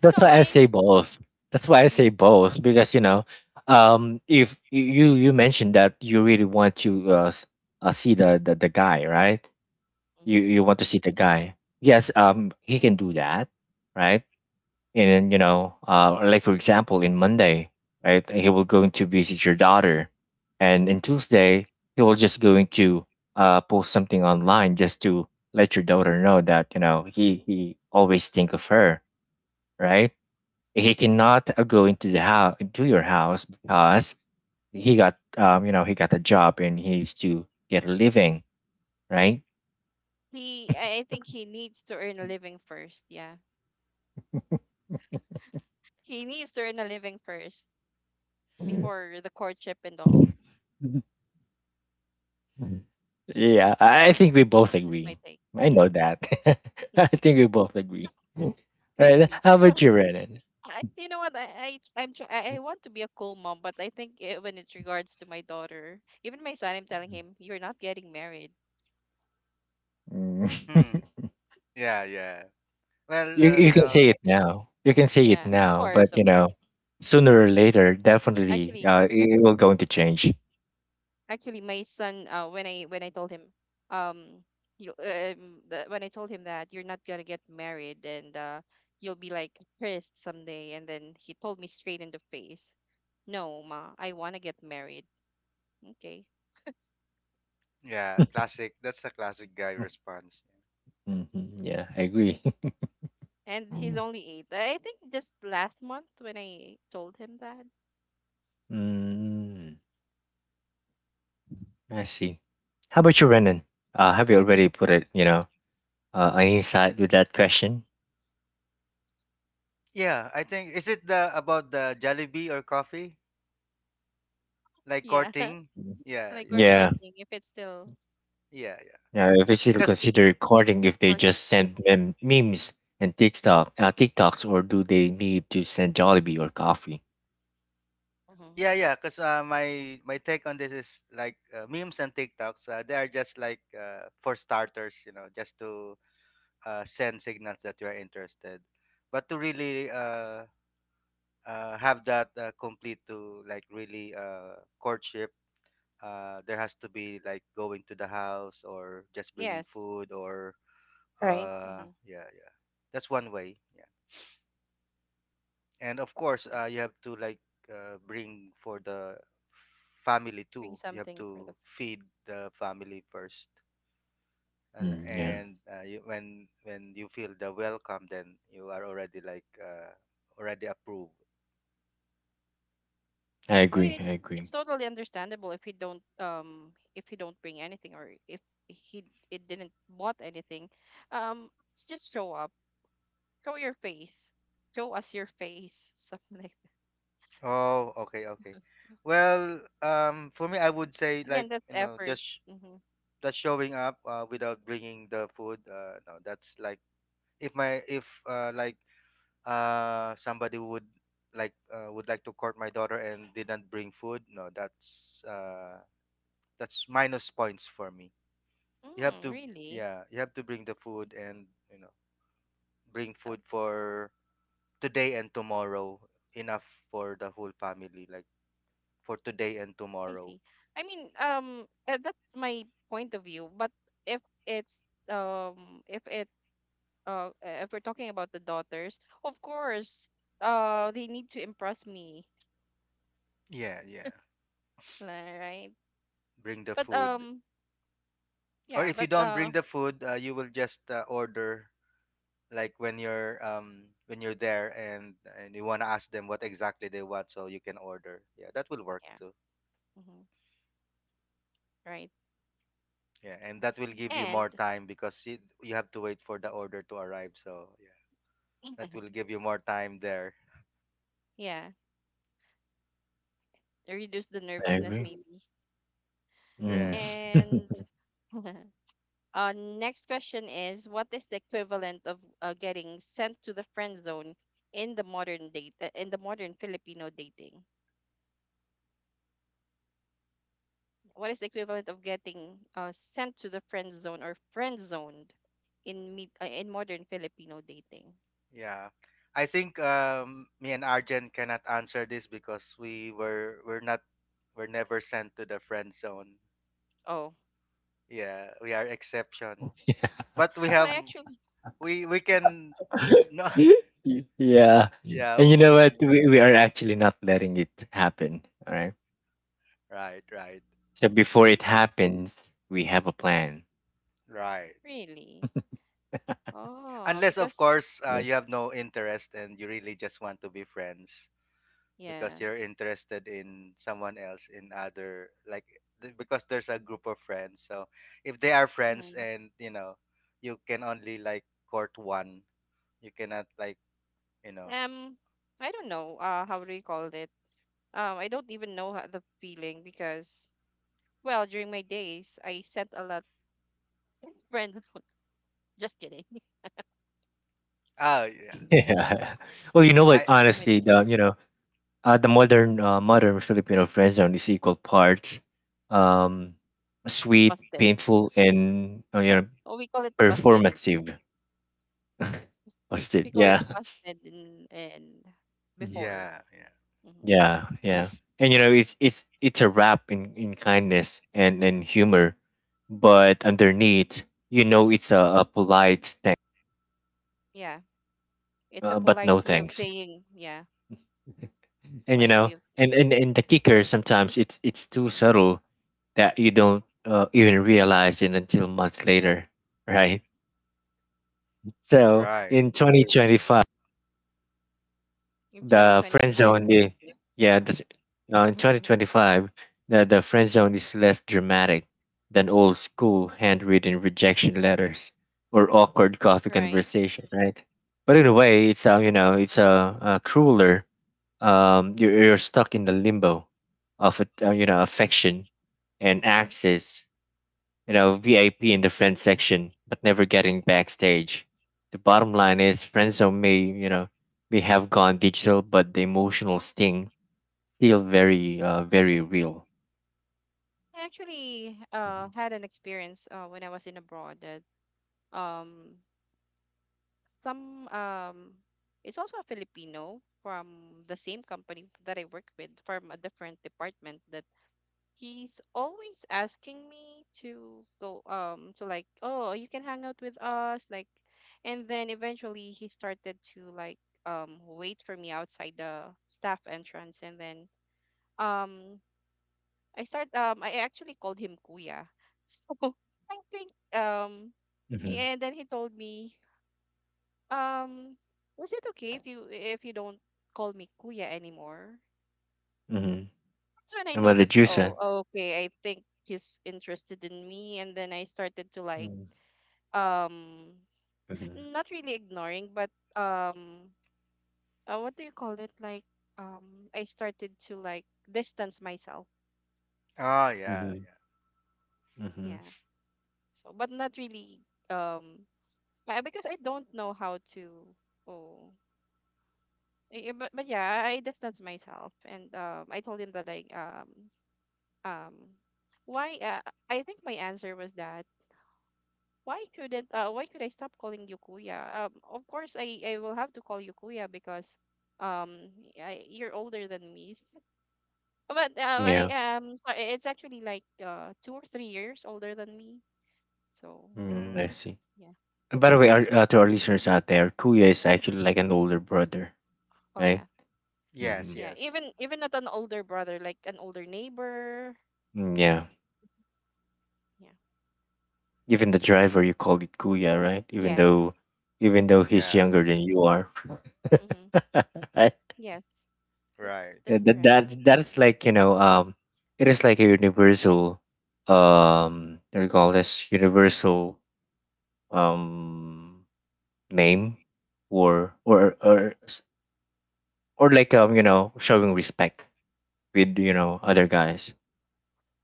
Speaker 1: That's
Speaker 3: no,
Speaker 1: why I
Speaker 3: I
Speaker 1: say
Speaker 3: mean,
Speaker 1: both. That's why I say
Speaker 3: mhm,
Speaker 1: both because you know, if you you mentioned that you really want to see the guy, right? You
Speaker 3: mhm.
Speaker 1: want to see the guy. Yes, he can do that, right? And then, you know, like for example, in Monday, right, he will going to visit your daughter, and in Tuesday he will just going to post something online, just to let your daughter know that you know he always think of her, right? He cannot go into the house into your house because he got you know he got a job and he needs to get a living, right.
Speaker 3: he I think he needs to earn a living first. Yeah, he needs to earn a living first before the courtship and all.
Speaker 1: Mm. Yeah, I think we both
Speaker 3: That's just my
Speaker 1: agree.
Speaker 3: take.
Speaker 1: I know
Speaker 3: Hmm.
Speaker 1: that. I think we both agree. Mm. All
Speaker 3: Strict
Speaker 1: right,
Speaker 3: mom.
Speaker 1: how about you, Renan?
Speaker 3: I, you know what? I I want to be a cool mom, but I think eh, when it regards to my daughter, even my son, I'm telling him, "You're not getting married."
Speaker 1: Mm.
Speaker 2: Hmm. Yeah, yeah. Well,
Speaker 1: you, you can
Speaker 2: no.
Speaker 1: say it now, you can say it
Speaker 3: Yeah, of
Speaker 1: now but
Speaker 3: course, of
Speaker 1: you know
Speaker 3: course.
Speaker 1: sooner or later, definitely
Speaker 3: Actually,
Speaker 1: it will going to change.
Speaker 3: actually, my son, when I when I told him, um, when I told him that you're not gonna get married and you'll be like pissed someday, and then he told me straight in the face, "No, ma, I wanna get married." Okay,
Speaker 2: Yeah, classic. That's the classic guy response.
Speaker 1: Hmm, yeah, I agree.
Speaker 3: and he's only eight. I think just last month when I told him that.
Speaker 1: Mm. I see. How about you, Renan? Have you already put it, you know, an insight with that question?
Speaker 2: Yeah, I think is it the about the Jollibee or coffee like
Speaker 3: Yeah, yeah,
Speaker 2: courting?
Speaker 1: Mhm.
Speaker 2: Yeah,
Speaker 3: like
Speaker 2: yeah,
Speaker 3: we're
Speaker 1: Yeah.
Speaker 3: courting if it's still
Speaker 2: yeah, yeah.
Speaker 1: Yeah. If you still
Speaker 2: Cause
Speaker 1: consider recording, if they
Speaker 3: courting.
Speaker 1: just send memes and TikTok, TikToks, or do they need to send Jollibee or coffee?
Speaker 3: Hmm.
Speaker 2: yeah, yeah. Cause my take on this is like, memes and TikToks. They are just like, for starters, you know, just to send signals that you are interested. But to really have that complete to like really courtship, there has to be like going to the house or just bringing
Speaker 3: Yes,
Speaker 2: food, or
Speaker 3: right. Hmm.
Speaker 2: yeah, yeah. That's one way. Yeah, and of course,
Speaker 3: Yep,
Speaker 2: you have to like, bring for the family
Speaker 3: bring
Speaker 2: too. You have
Speaker 3: something for the.
Speaker 2: to
Speaker 3: F-
Speaker 2: feed the family first, and,
Speaker 1: Mm, yeah.
Speaker 2: and uh, when you feel the welcome, then you are already like, already approved.
Speaker 1: I
Speaker 3: I mean,
Speaker 1: agree. I
Speaker 3: it's
Speaker 1: agree.
Speaker 3: totally understandable if he don't bring anything, or if he it didn't bought anything. It's just show up, show your face, show us your face, something like that.
Speaker 2: Oh, okay, okay. Well, for me, I would say like,
Speaker 3: Again, that's
Speaker 2: you know,
Speaker 3: effort.
Speaker 2: just
Speaker 3: Mm-hmm.
Speaker 2: that showing up without bringing the food, no, that's like, if my if, like, somebody would like to court my daughter and didn't bring food, no, that's minus points for me. You have
Speaker 3: Mm,
Speaker 2: to,
Speaker 3: really?
Speaker 2: yeah, you have to bring the food, and you know, bring food for today and tomorrow, enough for the whole family, like for today and
Speaker 3: I
Speaker 2: tomorrow.
Speaker 3: see. I mean, that's my point of view. But if it's if we're talking about the daughters, of course, they need to impress me,
Speaker 2: Yeah, yeah,
Speaker 3: li- right?
Speaker 2: bring the
Speaker 3: But
Speaker 2: food. Or
Speaker 3: yeah,
Speaker 2: if you
Speaker 3: but
Speaker 2: don't bring the food, you will just order, like when you're there, and you want to ask them what exactly they want so you can order. Yeah, that will work
Speaker 3: yeah,
Speaker 2: too.
Speaker 3: hmm, right.
Speaker 2: Yeah, and that will give you more
Speaker 3: And
Speaker 2: time, because you have to wait for the order to arrive. So yeah, that will give you more time there.
Speaker 3: yeah, reduce the
Speaker 1: I
Speaker 3: nervousness
Speaker 1: agree.
Speaker 3: maybe.
Speaker 1: Mm.
Speaker 2: Yeah,
Speaker 3: And Next question is, what is the equivalent of getting sent to the friend zone in the modern Filipino dating? What is the equivalent of getting sent to the friend zone, or friend zoned, in meet in modern Filipino dating?
Speaker 2: yeah, I think, me and Arjen cannot answer this, because we were we're not we're never sent to the friend zone.
Speaker 3: Oh,
Speaker 2: Yeah, we are exception. But we
Speaker 3: well, I
Speaker 2: have,
Speaker 3: actually
Speaker 2: we
Speaker 3: Mhm.
Speaker 2: can, no.
Speaker 1: Yeah.
Speaker 2: Yeah,
Speaker 1: And you know what? We are actually not letting it happen. All right.
Speaker 2: right, right.
Speaker 1: So before
Speaker 3: Mhm.
Speaker 1: it happens, we have a plan.
Speaker 2: Right.
Speaker 3: really oh
Speaker 2: Unless, of
Speaker 3: because
Speaker 2: course,
Speaker 1: Yeah.
Speaker 2: you have no interest and you really just want to be friends because
Speaker 3: yeah
Speaker 2: you're interested in someone else, in other, because there's a group of friends. So if they are friends
Speaker 3: Mhm.
Speaker 2: and, you can only, court one, you cannot, you know,
Speaker 3: um I don't know how do you call it. I don't even know how, the feeling because... Well, during my days, I sent a lot friend. Just kidding.
Speaker 2: oh, yeah.
Speaker 1: Yeah. Well, you know what?
Speaker 2: I,
Speaker 3: During my
Speaker 1: Honestly,
Speaker 3: days,
Speaker 1: the you know the modern modern Filipino friend zone is equal parts um, sweet,
Speaker 3: busted.
Speaker 1: painful, and
Speaker 3: Oh, we call it busted, and
Speaker 1: performative. What's it?
Speaker 3: we call it
Speaker 1: Yeah.
Speaker 3: busted, and
Speaker 1: Mhm.
Speaker 3: before.
Speaker 2: yeah, yeah.
Speaker 3: Mm-hmm.
Speaker 1: Yeah. Yeah. And you know it's a wrap in kindness and humor, but underneath, you know,
Speaker 3: Mm-hmm.
Speaker 1: it's a polite thank,
Speaker 3: Yeah, it's a
Speaker 1: but
Speaker 3: polite
Speaker 1: no
Speaker 3: way of
Speaker 1: thanks.
Speaker 3: saying. Yeah,
Speaker 1: And you
Speaker 3: polite
Speaker 1: know,
Speaker 3: way of saying.
Speaker 1: and the kicker, sometimes it's too subtle that you don't even realize it until months later, right? So
Speaker 2: Right.
Speaker 1: in 2025,
Speaker 3: In
Speaker 1: the friend
Speaker 3: 2025,
Speaker 1: zone, yeah, yeah
Speaker 3: uh,
Speaker 1: the, in 2025 the friend zone is less dramatic than old school handwritten rejection letters or awkward coffee
Speaker 3: right?
Speaker 1: conversation, right? But in a way it's it's a crueler, you're stuck in the limbo of you know, affection and access, you know, VIP in the friend section, but never getting backstage. The bottom line is, friend zone may, you know, may have gone digital, but the emotional sting still very very real.
Speaker 3: I actually had an experience when I was in abroad that um some, it's also a Filipino from the same company that I work with from a different department, that he's always asking me to go, to like, oh, you can hang out with us, like. And then eventually he started to like, wait for me outside the staff entrance. And then um I start, I actually called him Kuya. So I think,
Speaker 1: Mm-hmm.
Speaker 3: yeah, and then he told me, um, was it okay if you don't call me kuya anymore?
Speaker 1: Mm-hmm.
Speaker 3: That's when I
Speaker 1: And
Speaker 3: know
Speaker 1: what
Speaker 3: that,
Speaker 1: did you say?
Speaker 3: oh okay, I think he's interested in me, and then I started to like,
Speaker 1: Mm-hmm.
Speaker 3: um not really ignoring but, um what do you call it, like, I started to like distance myself.
Speaker 2: Oh, yeah,
Speaker 1: Mm-hmm. Mm-hmm.
Speaker 3: Yeah. So but not really, um because I don't know how to, oh. But yeah, I distance myself, and I told him that I, um why I think my answer was that, why shouldn't why should I stop calling you kuya? Of course I will have to call you kuya because, um you're older than me. But I,
Speaker 1: Yeah,
Speaker 3: so it's actually like 2 or 3 years older than me. So
Speaker 2: yeah.
Speaker 1: mm, I
Speaker 2: Mm,
Speaker 1: see.
Speaker 3: yeah.
Speaker 1: And by the way, our, to our listeners out there, Kuya is actually like an older brother,
Speaker 3: Oh yeah.
Speaker 1: right?
Speaker 2: yes,
Speaker 1: Mm-hmm.
Speaker 3: Yeah.
Speaker 2: yes.
Speaker 3: Even not an older brother, like an older neighbor.
Speaker 1: Mm,
Speaker 3: Yeah.
Speaker 1: yeah.
Speaker 3: Yeah.
Speaker 1: Even the driver, you call it Kuya, right?
Speaker 3: Yes.
Speaker 1: Even though he's
Speaker 2: Yeah,
Speaker 1: younger than you are.
Speaker 3: Mm-hmm.
Speaker 1: I-
Speaker 3: Yes. That's
Speaker 2: right.
Speaker 1: yeah,
Speaker 3: that's
Speaker 1: that
Speaker 3: correct.
Speaker 1: that that's like, you know, it is like a universal, what do you call this, universal um name, or or like um, you know, showing respect with you know other guys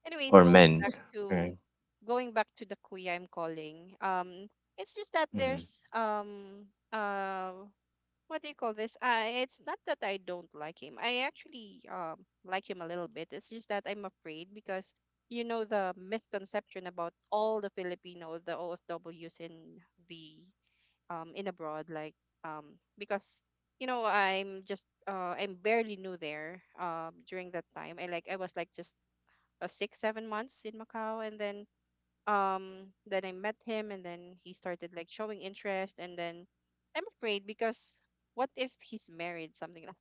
Speaker 3: Anyways,
Speaker 1: or men, right?
Speaker 3: going back to the kuya I'm calling. It's just that
Speaker 1: Hmm.
Speaker 3: there's, uh what do you call this? It's not that I don't like him. I actually like him a little bit. It's just that I'm afraid because, you know, the misconception about all the Filipino, the OFWs in the, in abroad, like, because you know I'm just I'm barely new there during that time. I was like just, 6 7 months in Macau, and then I met him, and then he started like showing interest, and then I'm afraid because what if he's married? Something like,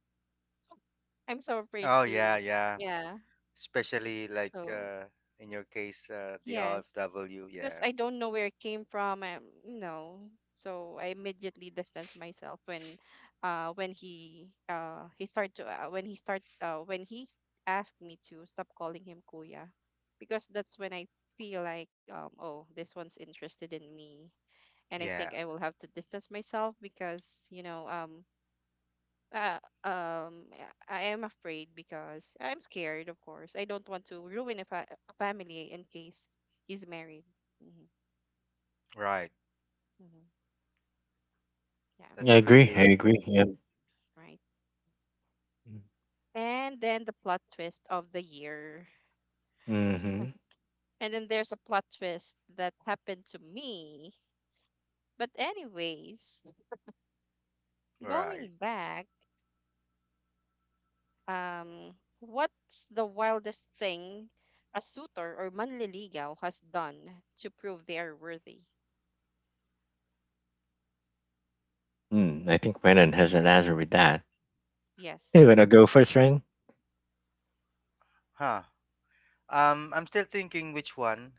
Speaker 3: I'm so afraid
Speaker 2: Oh,
Speaker 3: to.
Speaker 2: yeah, yeah.
Speaker 3: Yeah.
Speaker 2: Especially like
Speaker 3: So
Speaker 2: in your case, the
Speaker 3: yes,
Speaker 2: RFW,
Speaker 3: because
Speaker 2: yeah,
Speaker 3: I don't know where it came from. No, so I immediately distance myself when he start to when he start when he s- asked me to stop calling him kuya, because that's when I feel like, oh, this one's interested in me, and I think
Speaker 2: yeah,
Speaker 3: I will have to distance myself because, you know, yeah, I am afraid because I'm scared, of course. I don't want to ruin a family in case he's married. Hmm.
Speaker 2: right.
Speaker 3: Hmm. Yeah,
Speaker 1: I
Speaker 2: That's
Speaker 1: agree. I
Speaker 2: really
Speaker 1: agree. Yeah.
Speaker 3: right. And then the plot twist of the year.
Speaker 1: Mm-hmm.
Speaker 3: And then there's a plot twist that happened to me. But anyways, going
Speaker 2: right.
Speaker 3: back, um, what's the wildest thing a suitor or manliligaw has done to prove they are worthy?
Speaker 1: Hmm. I think Brennan has an answer with that. You
Speaker 3: Yes.
Speaker 1: wanna go first, Ryan?
Speaker 2: Huh um I'm still thinking which one,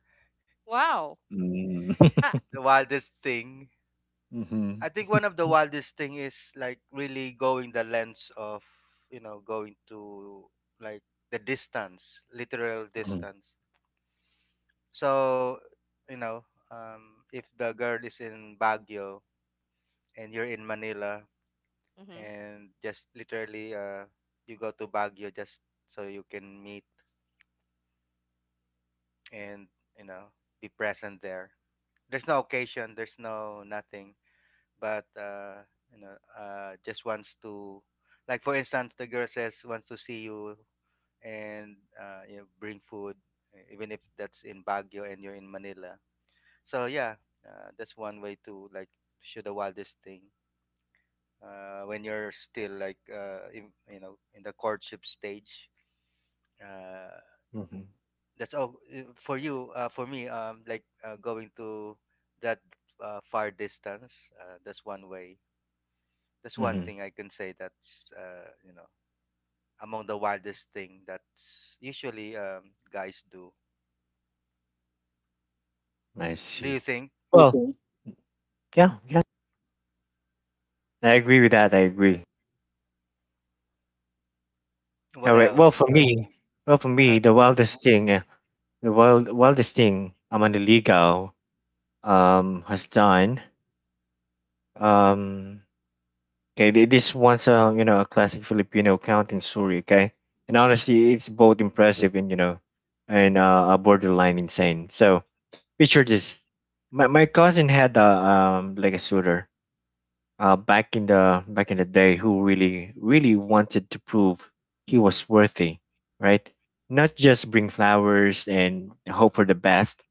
Speaker 3: Wow.
Speaker 1: Mm.
Speaker 3: Ah.
Speaker 2: the wildest thing.
Speaker 1: Mhm,
Speaker 2: I think one of the wildest thing is like really going the lengths of, you know, going to, like, the distance, literal
Speaker 1: mhm,
Speaker 2: distance. So, you know, if the girl is in Baguio and you're in Manila,
Speaker 3: Mm-hmm.
Speaker 2: and just literally you go to Baguio just so you can meet and, you know, be present there. There's no occasion, there's no nothing, but you know just wants to, like, for instance the girl says wants to see you and, you know, bring food, even if that's in Baguio and you're in Manila. So yeah, that's one way to like show the wildest thing, when you're still like, in, you know, in the courtship stage, uh,
Speaker 1: mhm,
Speaker 2: that's all, for you. For me, like, going to that far distance, that's one way. That's one
Speaker 1: mhm.
Speaker 2: thing I can say. That's, you know, among the wildest thing that's usually, guys do.
Speaker 1: I
Speaker 2: Do
Speaker 1: see.
Speaker 2: you think?
Speaker 1: Well, mhm. Yeah, yeah, I agree with that. I agree.
Speaker 2: What
Speaker 1: All right.
Speaker 2: else?
Speaker 1: Well, for me,
Speaker 2: Uh-huh.
Speaker 1: the wildest thing, wildest thing Amandaligao has done. Um, okay, this one's you know, a classic Filipino accounting story. Okay, and honestly, it's both impressive and, you know, and borderline insane. So picture this: my cousin had a um, like a suitor back in the day, who really really wanted to prove he was worthy, right? Not just bring flowers and hope for the best.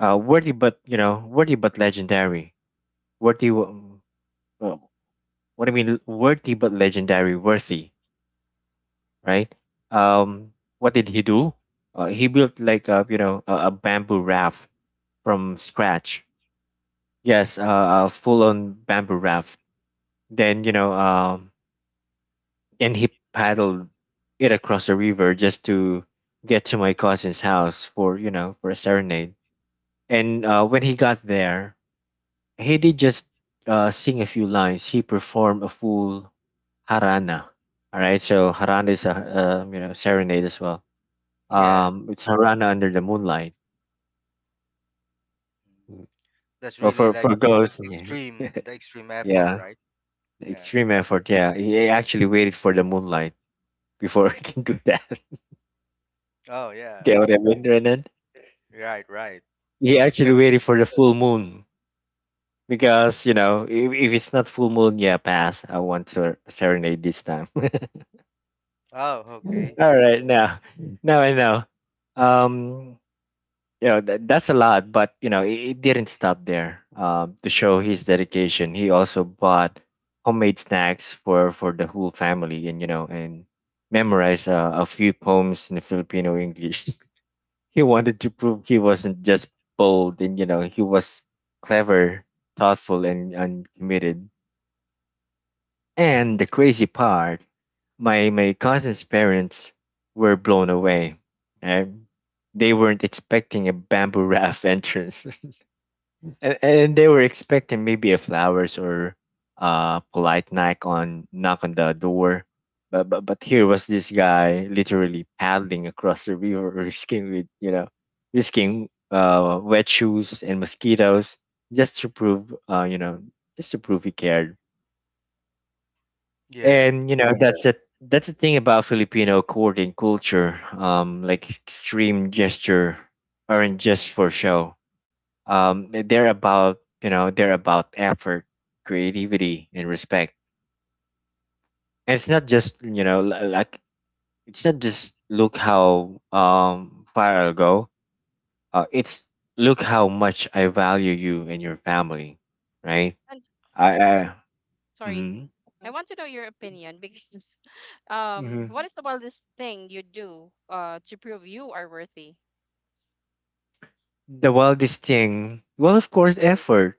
Speaker 1: Worthy but you know, worthy but legendary. Worthy. W- Uh, what I mean, Worthy but legendary, worthy, right? Um, what did he do? He built like a you know a bamboo raft from scratch. Yes, a full on bamboo raft. Then, you know, and he paddled it across the river just to get to my cousin's house for, you know, for a serenade. And when he got there, he did just sing a few lines. He performed a full harana. All right, so harana is a you know serenade as well.
Speaker 2: Yeah.
Speaker 1: It's harana under the moonlight.
Speaker 2: Mm. That's
Speaker 1: Well,
Speaker 2: really
Speaker 1: for
Speaker 2: like
Speaker 1: okay, girls, yeah,
Speaker 2: extreme. The extreme effort,
Speaker 1: yeah,
Speaker 2: right? Yeah,
Speaker 1: extreme
Speaker 2: yeah.
Speaker 1: effort. Yeah, he actually waited for the moonlight before he can do that.
Speaker 2: Oh yeah.
Speaker 1: Get what I mean, Renan?
Speaker 2: Right. Right.
Speaker 1: You're actually
Speaker 2: That's.
Speaker 1: waiting for the full moon because you know, if it's not full moon, yeah, pass. I want to serenade this time.
Speaker 2: Oh, okay.
Speaker 1: All right, now, now I know. Um, you know that, that's a lot, but you know it, it didn't stop there. To show his dedication, he also bought homemade snacks for the whole family, and you know, and memorized a few poems in the Filipino English. He wanted to prove he wasn't just bold and, you know, he was clever, thoughtful and committed. And the crazy part, my cousin's parents were blown away. And they weren't expecting a bamboo raft entrance and they were expecting maybe a flowers or polite knock on knock on the door, but here was this guy literally paddling across the river risking with, you know, risking wet shoes and mosquitoes just to prove, you know, just to prove he cared,
Speaker 2: Yeah.
Speaker 1: and you know, yeah, that's it, that's the thing about Filipino courting culture, um, like extreme gesture aren't just for show, um, they're about you know they're about effort, creativity and respect. And it's not just, you know, like it's not just look how far I'll go, it's look how much I value you and your family, right?
Speaker 3: And
Speaker 1: I.
Speaker 3: sorry,
Speaker 1: Mm,
Speaker 3: I want to know your opinion because,
Speaker 1: hmm.
Speaker 3: what is the wildest thing you do, to prove you are worthy?
Speaker 1: The wildest thing, well of
Speaker 3: You
Speaker 1: course
Speaker 3: do.
Speaker 1: effort.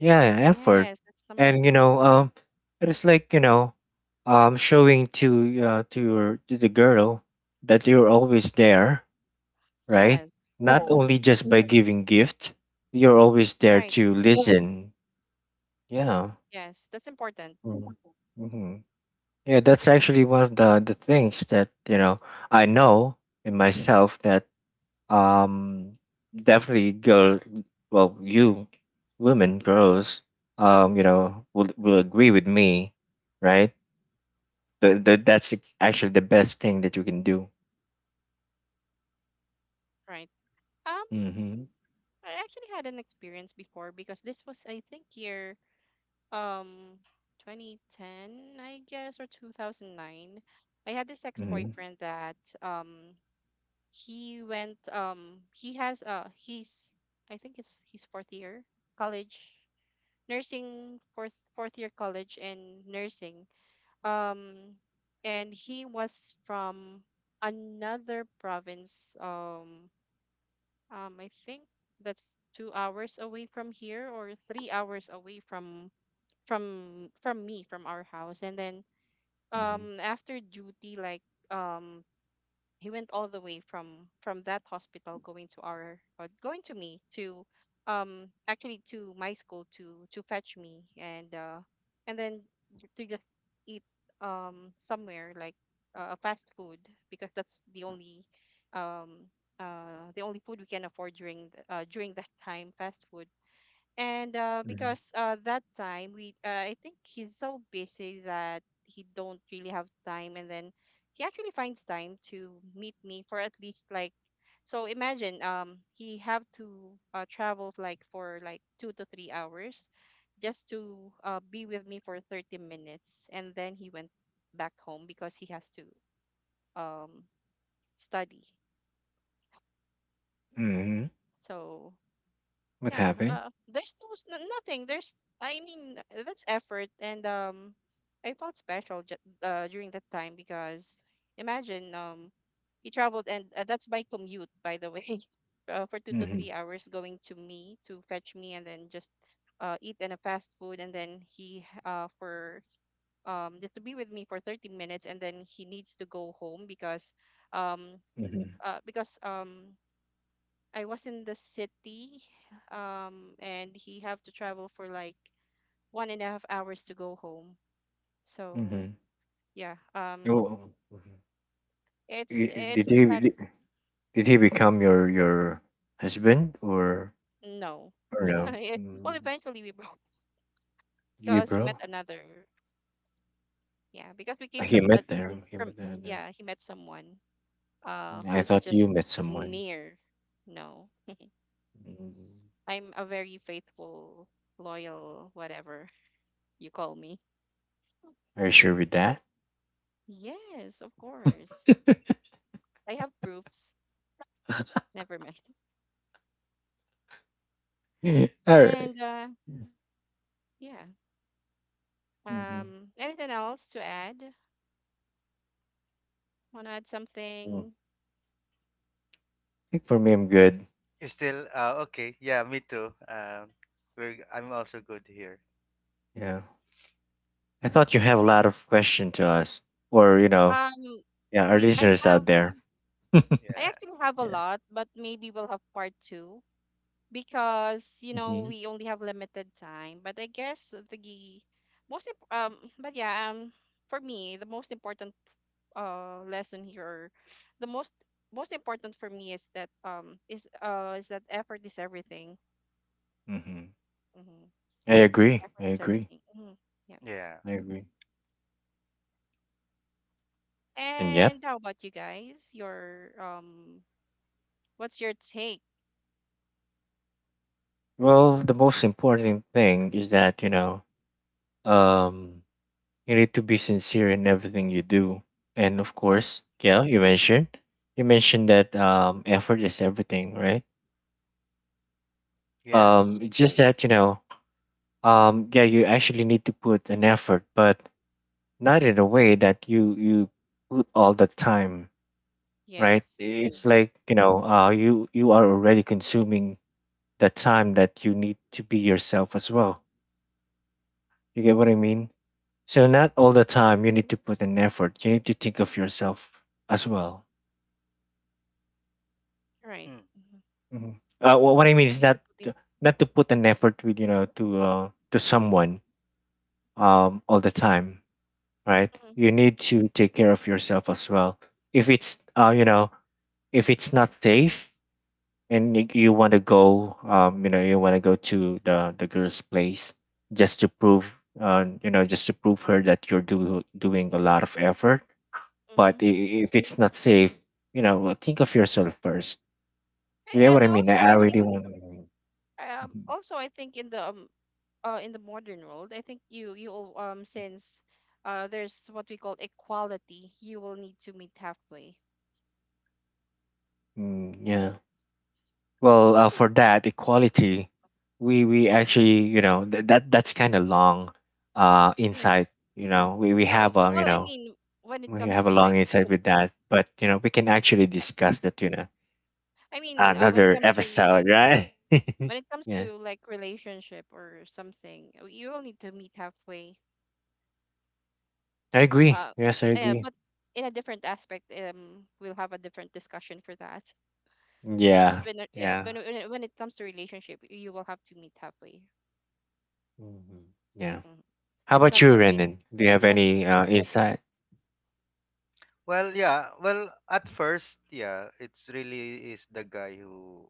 Speaker 1: Yeah, effort.
Speaker 3: Yes, that's number
Speaker 1: And you
Speaker 3: one.
Speaker 1: know, um, it's like, you know, um, showing to your to the girl that you're always there, right?
Speaker 3: Yes.
Speaker 1: Not
Speaker 3: Mm-hmm.
Speaker 1: only just by giving gift, you're always there
Speaker 3: Right.
Speaker 1: to, yeah, listen. Yeah.
Speaker 3: Yes, that's important.
Speaker 1: Mm-hmm. Yeah, that's actually one of the things that, you know, I know in myself that um, definitely girl, well, you, women, girls, you know, will agree with me, right? The, that's actually the best thing that you can do.
Speaker 3: Right. Um,
Speaker 1: Mm-hmm.
Speaker 3: I actually had an experience before because this was, I think, year, um 2010, I guess, or 2009. I had this
Speaker 1: Mm-hmm.
Speaker 3: ex-boyfriend that, um he went, he's, I think it's his fourth year college nursing, fourth year college and nursing, um and he was from another province, I think that's 2 hours away from here, or 3 hours away from me, from our house. And then
Speaker 1: Mm-hmm.
Speaker 3: after duty, like, um he went all the way from that hospital, going to our, or going to me, to, actually to my school, to fetch me, and then to just eat, somewhere like, a fast food, because that's the only, um the only food we can afford during the, during that time, fast food. And
Speaker 1: Mm-hmm.
Speaker 3: because that time we, I think he's so busy that he don't really have time, and then he actually finds time to meet me for at least like, so imagine he have to, travel like for like 2 to 3 hours, just to, be with me for 30 minutes, and then he went back home because he has to, um study.
Speaker 1: Mm-hmm.
Speaker 3: So
Speaker 1: What
Speaker 3: yeah,
Speaker 1: happened?
Speaker 3: there's no, nothing. There's, I mean, that's effort, and, I felt special, during that time because imagine, he traveled, and that's my commute, by the way, for two to
Speaker 1: Mm-hmm.
Speaker 3: three hours going to me to fetch me, and then just, eat in a fast food, and then he for just to be with me for 30 minutes, and then he needs to go home because, um
Speaker 1: Mm-hmm.
Speaker 3: because, I was in the city, and he have to travel for like one and a half hours to go home. So
Speaker 1: Mhm.
Speaker 3: yeah,
Speaker 1: Oh, mhm.
Speaker 3: it's
Speaker 1: Did
Speaker 3: it's
Speaker 1: he
Speaker 3: just that.
Speaker 1: did he become your husband
Speaker 3: No.
Speaker 1: or no? Mm,
Speaker 3: Well, eventually we broke,
Speaker 1: you
Speaker 3: because he met
Speaker 1: bro?
Speaker 3: another. Yeah, because we came
Speaker 1: He
Speaker 3: from,
Speaker 1: met there. He met there. There.
Speaker 3: yeah, he met someone
Speaker 1: I
Speaker 3: who's
Speaker 1: thought you
Speaker 3: just
Speaker 1: met someone.
Speaker 3: near. No,
Speaker 1: Mm.
Speaker 3: I'm a very faithful, loyal, whatever you call me.
Speaker 1: Are you sure with that?
Speaker 3: Yes, of course. I have proofs. Never mind.
Speaker 1: All right.
Speaker 3: And yeah,
Speaker 1: Mhm.
Speaker 3: anything else to add? Want to add
Speaker 1: Mm. I
Speaker 3: something?
Speaker 1: think for me, I'm good.
Speaker 2: You still okay? Yeah, me too. We're I'm also good here.
Speaker 1: Yeah. I thought you
Speaker 3: I
Speaker 1: have a
Speaker 3: think,
Speaker 1: lot of question to us, or you know,
Speaker 3: um,
Speaker 1: yeah, our
Speaker 3: we
Speaker 1: listeners out there. Yeah.
Speaker 3: I
Speaker 2: Yeah,
Speaker 3: actually have a lot, but maybe we'll have part two because, you know,
Speaker 1: Mhm.
Speaker 3: we only have limited time. But I guess the, but yeah, for me the most important lesson here, or the most important for me is that, is that effort is everything.
Speaker 1: Mhm.
Speaker 3: Hmm.
Speaker 1: I agree.
Speaker 3: Effort
Speaker 1: I
Speaker 3: is
Speaker 1: agree.
Speaker 3: everything. Hmm.
Speaker 2: yeah,
Speaker 1: I agree. And yep.
Speaker 3: And how about you guys? Your, what's your take?
Speaker 1: Well, the most important thing is that, you know, um, you need to be sincere in everything you do. And of
Speaker 3: Yes,
Speaker 1: course, yeah, you mentioned, you mentioned that um, effort is everything, right?
Speaker 2: yes.
Speaker 1: It's just that, you know, um, yeah, you actually need to put an effort, but not in a way that you put all the time, right?
Speaker 3: yes.
Speaker 1: It's
Speaker 3: Mhm.
Speaker 1: like, you know, you you are already consuming the time that you need to be yourself as well. You get what I mean? So not all the time you need to put an effort. You need to think of yourself as well.
Speaker 3: Right.
Speaker 2: Mm.
Speaker 3: Mhm.
Speaker 1: Hmm. What I mean is
Speaker 3: Need
Speaker 1: not
Speaker 3: to put in.
Speaker 1: to, not to put an effort with you know to someone all the time, right?
Speaker 3: Mhm,
Speaker 1: You need to take care of yourself as well. If it's you know, if it's not safe, and you want to go um, you know, you want to go to the girl's place just to prove, you know, just to prove her that you're doing a lot of effort. But
Speaker 3: mhm.
Speaker 1: if it's not safe, you know, think of yourself first. You know what
Speaker 3: And
Speaker 1: I mean?
Speaker 3: also,
Speaker 1: I
Speaker 3: I
Speaker 1: really
Speaker 3: think,
Speaker 1: want to.
Speaker 3: also I think in the, in the modern world, I think you will, since there's what we call equality, you will need to meet halfway.
Speaker 1: Mm, yeah. Well, for that equality, we actually you know that that's kind of long,
Speaker 3: Yeah.
Speaker 1: insight. You know, we have um, you
Speaker 3: Well, I
Speaker 1: know
Speaker 3: mean, when it
Speaker 1: we
Speaker 3: comes
Speaker 1: have a
Speaker 3: to
Speaker 1: long
Speaker 3: like,
Speaker 1: insight
Speaker 3: com-
Speaker 1: with that, but you know we can actually discuss that you know
Speaker 3: I mean,
Speaker 1: another episode, right?
Speaker 3: when it comes
Speaker 1: Yeah,
Speaker 3: to like relationship or something, you will need to meet halfway.
Speaker 1: I agree.
Speaker 3: Uh,
Speaker 1: Yes, I
Speaker 3: yeah,
Speaker 1: agree.
Speaker 3: but in a different aspect, we'll have a different discussion for that. But
Speaker 1: Yeah,
Speaker 3: yeah,
Speaker 1: yeah,
Speaker 3: when it comes to relationship, you will have to meet halfway.
Speaker 1: hmm, yeah.
Speaker 3: Hmm.
Speaker 1: How
Speaker 3: It's
Speaker 1: about
Speaker 3: not
Speaker 1: you,
Speaker 3: always.
Speaker 1: Renan? Do you have
Speaker 3: It's not.
Speaker 1: any insight?
Speaker 2: Well,
Speaker 3: Mhm.
Speaker 2: yeah. Well, at first, yeah, it's really is the guy who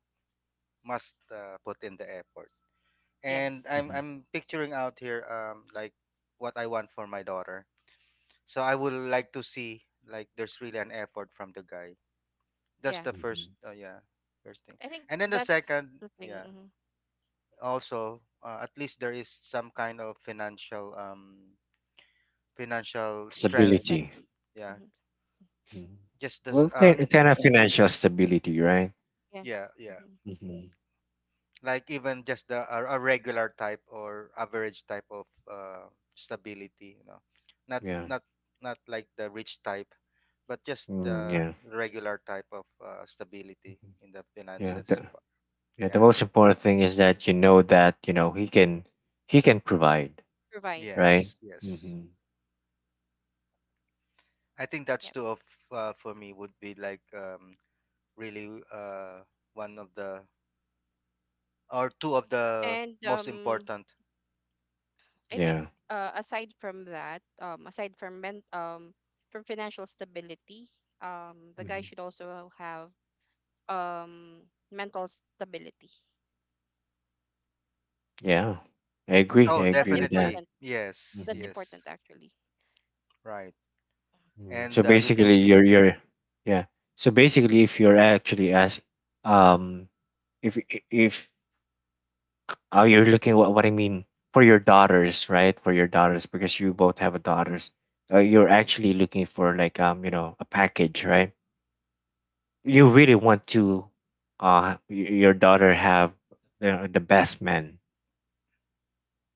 Speaker 2: must, put in the effort. And
Speaker 3: Yes.
Speaker 2: I'm
Speaker 1: Mhm,
Speaker 2: I'm picturing out here, um, like what I want for my daughter. So I would like to see, like, there's really an effort from the guy. That's
Speaker 3: Yeah.
Speaker 2: the first.
Speaker 1: mhm.
Speaker 2: Yeah, first thing.
Speaker 3: I think
Speaker 2: And then the
Speaker 3: that's
Speaker 2: second.
Speaker 3: the thing.
Speaker 2: Yeah,
Speaker 3: Hmm.
Speaker 2: also, at least there is some kind of financial, financial strength.
Speaker 1: Stability.
Speaker 3: Independent.
Speaker 2: Yeah,
Speaker 3: Hmm.
Speaker 1: Mhm.
Speaker 2: just this
Speaker 1: Well, kind of financial stability, right?
Speaker 2: yeah,
Speaker 3: Yes.
Speaker 2: yeah,
Speaker 3: Hmm.
Speaker 1: Hmm.
Speaker 2: like even just the a regular type or average type of, uh, stability, you know, not
Speaker 1: Yeah.
Speaker 2: not not like the rich type, but just
Speaker 1: Mm,
Speaker 2: the
Speaker 1: yeah.
Speaker 2: regular type of, stability
Speaker 1: Mhm.
Speaker 2: in the
Speaker 1: Yeah. The,
Speaker 2: finances part.
Speaker 1: yeah. The
Speaker 2: Yeah,
Speaker 1: most important thing is that you know he can provide,
Speaker 3: Provide.
Speaker 1: right?
Speaker 2: yes, yes.
Speaker 1: Hmm.
Speaker 3: Hmm.
Speaker 2: I think that's
Speaker 3: Yep.
Speaker 2: two of, for me would be like, really one of the, or 2 of the
Speaker 3: And
Speaker 2: most important.
Speaker 3: I think,
Speaker 1: Yeah.
Speaker 3: aside from that, aside from men, from financial stability, the guy
Speaker 1: Hmm.
Speaker 3: should also have um mental stability.
Speaker 1: Yeah. I
Speaker 3: Mhm.
Speaker 1: agree. I
Speaker 2: Oh,
Speaker 3: That's
Speaker 1: agree with that.
Speaker 2: definitely.
Speaker 3: important.
Speaker 2: Yes,
Speaker 3: That's
Speaker 1: Hmm.
Speaker 2: yes.
Speaker 3: important actually.
Speaker 2: Right.
Speaker 1: Mm, so
Speaker 2: And, you can
Speaker 1: basically,
Speaker 2: see.
Speaker 1: you're yeah. So basically, if you're actually ask um, if if oh, you're looking, what I mean, for your daughters, right? For your daughters, because you both have a daughters. You're actually looking for like you know, a package, right? You really want to, your daughter have the best man.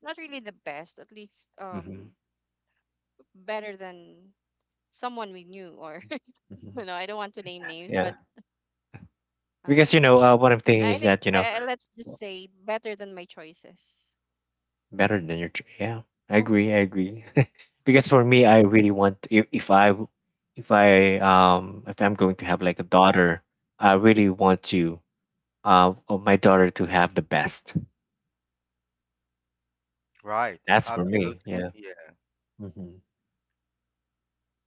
Speaker 3: Not really the best, at least
Speaker 1: Hmm.
Speaker 3: better than someone we knew, or
Speaker 1: Hmm.
Speaker 3: you know, I don't want to name names,
Speaker 1: Yeah,
Speaker 3: but
Speaker 1: because
Speaker 3: uh,
Speaker 1: you know what I'm thinking
Speaker 3: I
Speaker 1: is
Speaker 3: think,
Speaker 1: that you know
Speaker 3: let's just say better than my choices.
Speaker 1: better than your, yeah, I agree. I agree. Because for me, I really want, if I w- if I if I'm going to have like a daughter, I really want to, of my daughter to have the best.
Speaker 2: Right,
Speaker 1: That's for
Speaker 2: absolutely.
Speaker 1: me. Yeah.
Speaker 2: Yeah.
Speaker 1: Hmm.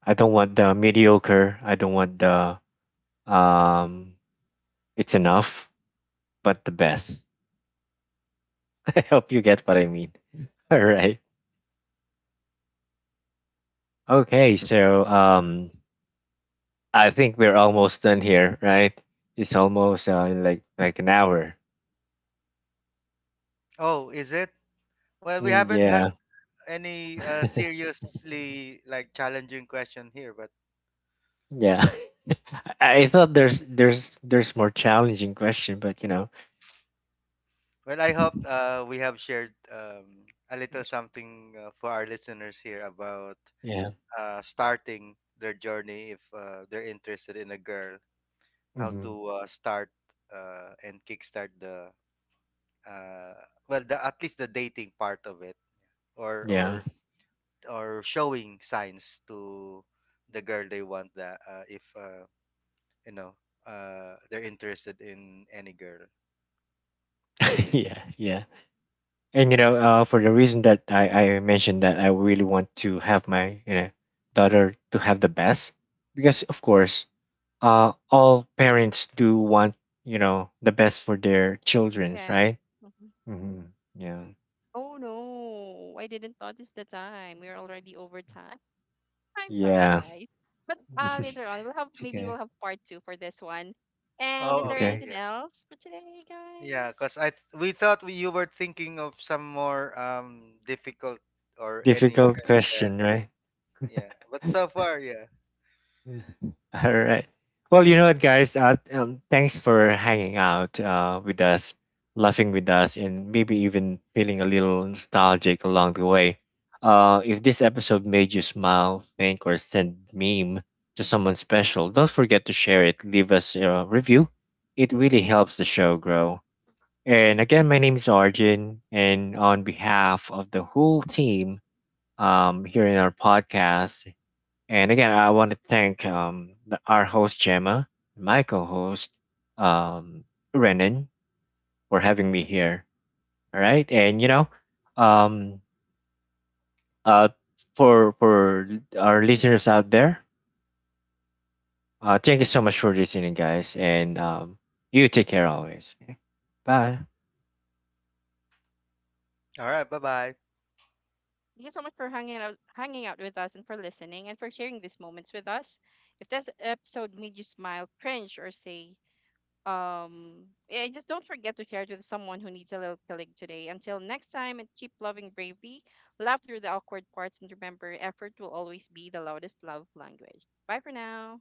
Speaker 1: I don't want the mediocre. I don't want the um, it's enough, but the best. I hope you get what I mean. All right. Okay, so um, I think we're almost done here, right? It's almost like an hour.
Speaker 2: Oh, is it? Well, we
Speaker 1: Mm,
Speaker 2: haven't had
Speaker 1: yeah.
Speaker 2: any, seriously, like, challenging question here, but
Speaker 1: Yeah. I thought there's there's more challenging question, but you know,
Speaker 2: well, I hope, we have shared, a little something, for our listeners here about,
Speaker 1: yeah.
Speaker 2: starting their journey if, they're interested in a girl, how
Speaker 1: Hmm.
Speaker 2: to, start, and kickstart the uh, well, the at least the dating part of it, or or
Speaker 1: Yeah.
Speaker 2: or showing signs to the girl they want that, if, you know, they're interested in any girl.
Speaker 1: Yeah, yeah. And you know, for the reason that I mentioned that I really want to have my you know daughter to have the best, because of course, all parents do want you know the best for their childrens,
Speaker 3: Yeah.
Speaker 1: right? Mm-hmm. Yeah,
Speaker 3: Oh no, I didn't notice the time. We're already over time. I'm sorry,
Speaker 1: yeah.
Speaker 3: guys. But later on, we'll have
Speaker 1: It's
Speaker 3: maybe we'll
Speaker 1: okay,
Speaker 3: have part two for this one. And is
Speaker 2: Oh,
Speaker 3: there
Speaker 2: okay,
Speaker 1: okay.
Speaker 3: anything
Speaker 2: yeah.
Speaker 3: else for today,
Speaker 2: Yeah,
Speaker 3: guys?
Speaker 2: because I th- we thought we, you were thinking of some more, um, difficult or any.
Speaker 1: Difficult
Speaker 2: Yeah,
Speaker 1: question, right?
Speaker 2: yeah, but so far, yeah.
Speaker 1: Mm. All right. Well, you know what, guys? Thanks for hanging out with us, laughing with us, and maybe even feeling a little nostalgic along the way. If this episode made you smile, think, or send meme to someone special, don't forget to share it. Leave us a review. It really helps the show grow. And again, my name is Arjun, and on behalf of the whole team, here in our podcast, and again, I want to thank our host, Gemma, and my co host, um, Renan, for having me here. All right. And, you know, um, uh, for our listeners out there, thank you so much for listening, guys. And you take care always. Okay? Bye.
Speaker 2: All right, bye bye.
Speaker 3: Thank you so much for hanging out with us, and for listening, and for sharing these moments with us. If this episode made you smile, cringe, or say Um, and just don't forget to share it with someone who needs a little killing today. Until next time, and keep loving bravely, laugh through the awkward parts, and remember, effort will always be the loudest love language. Bye for now.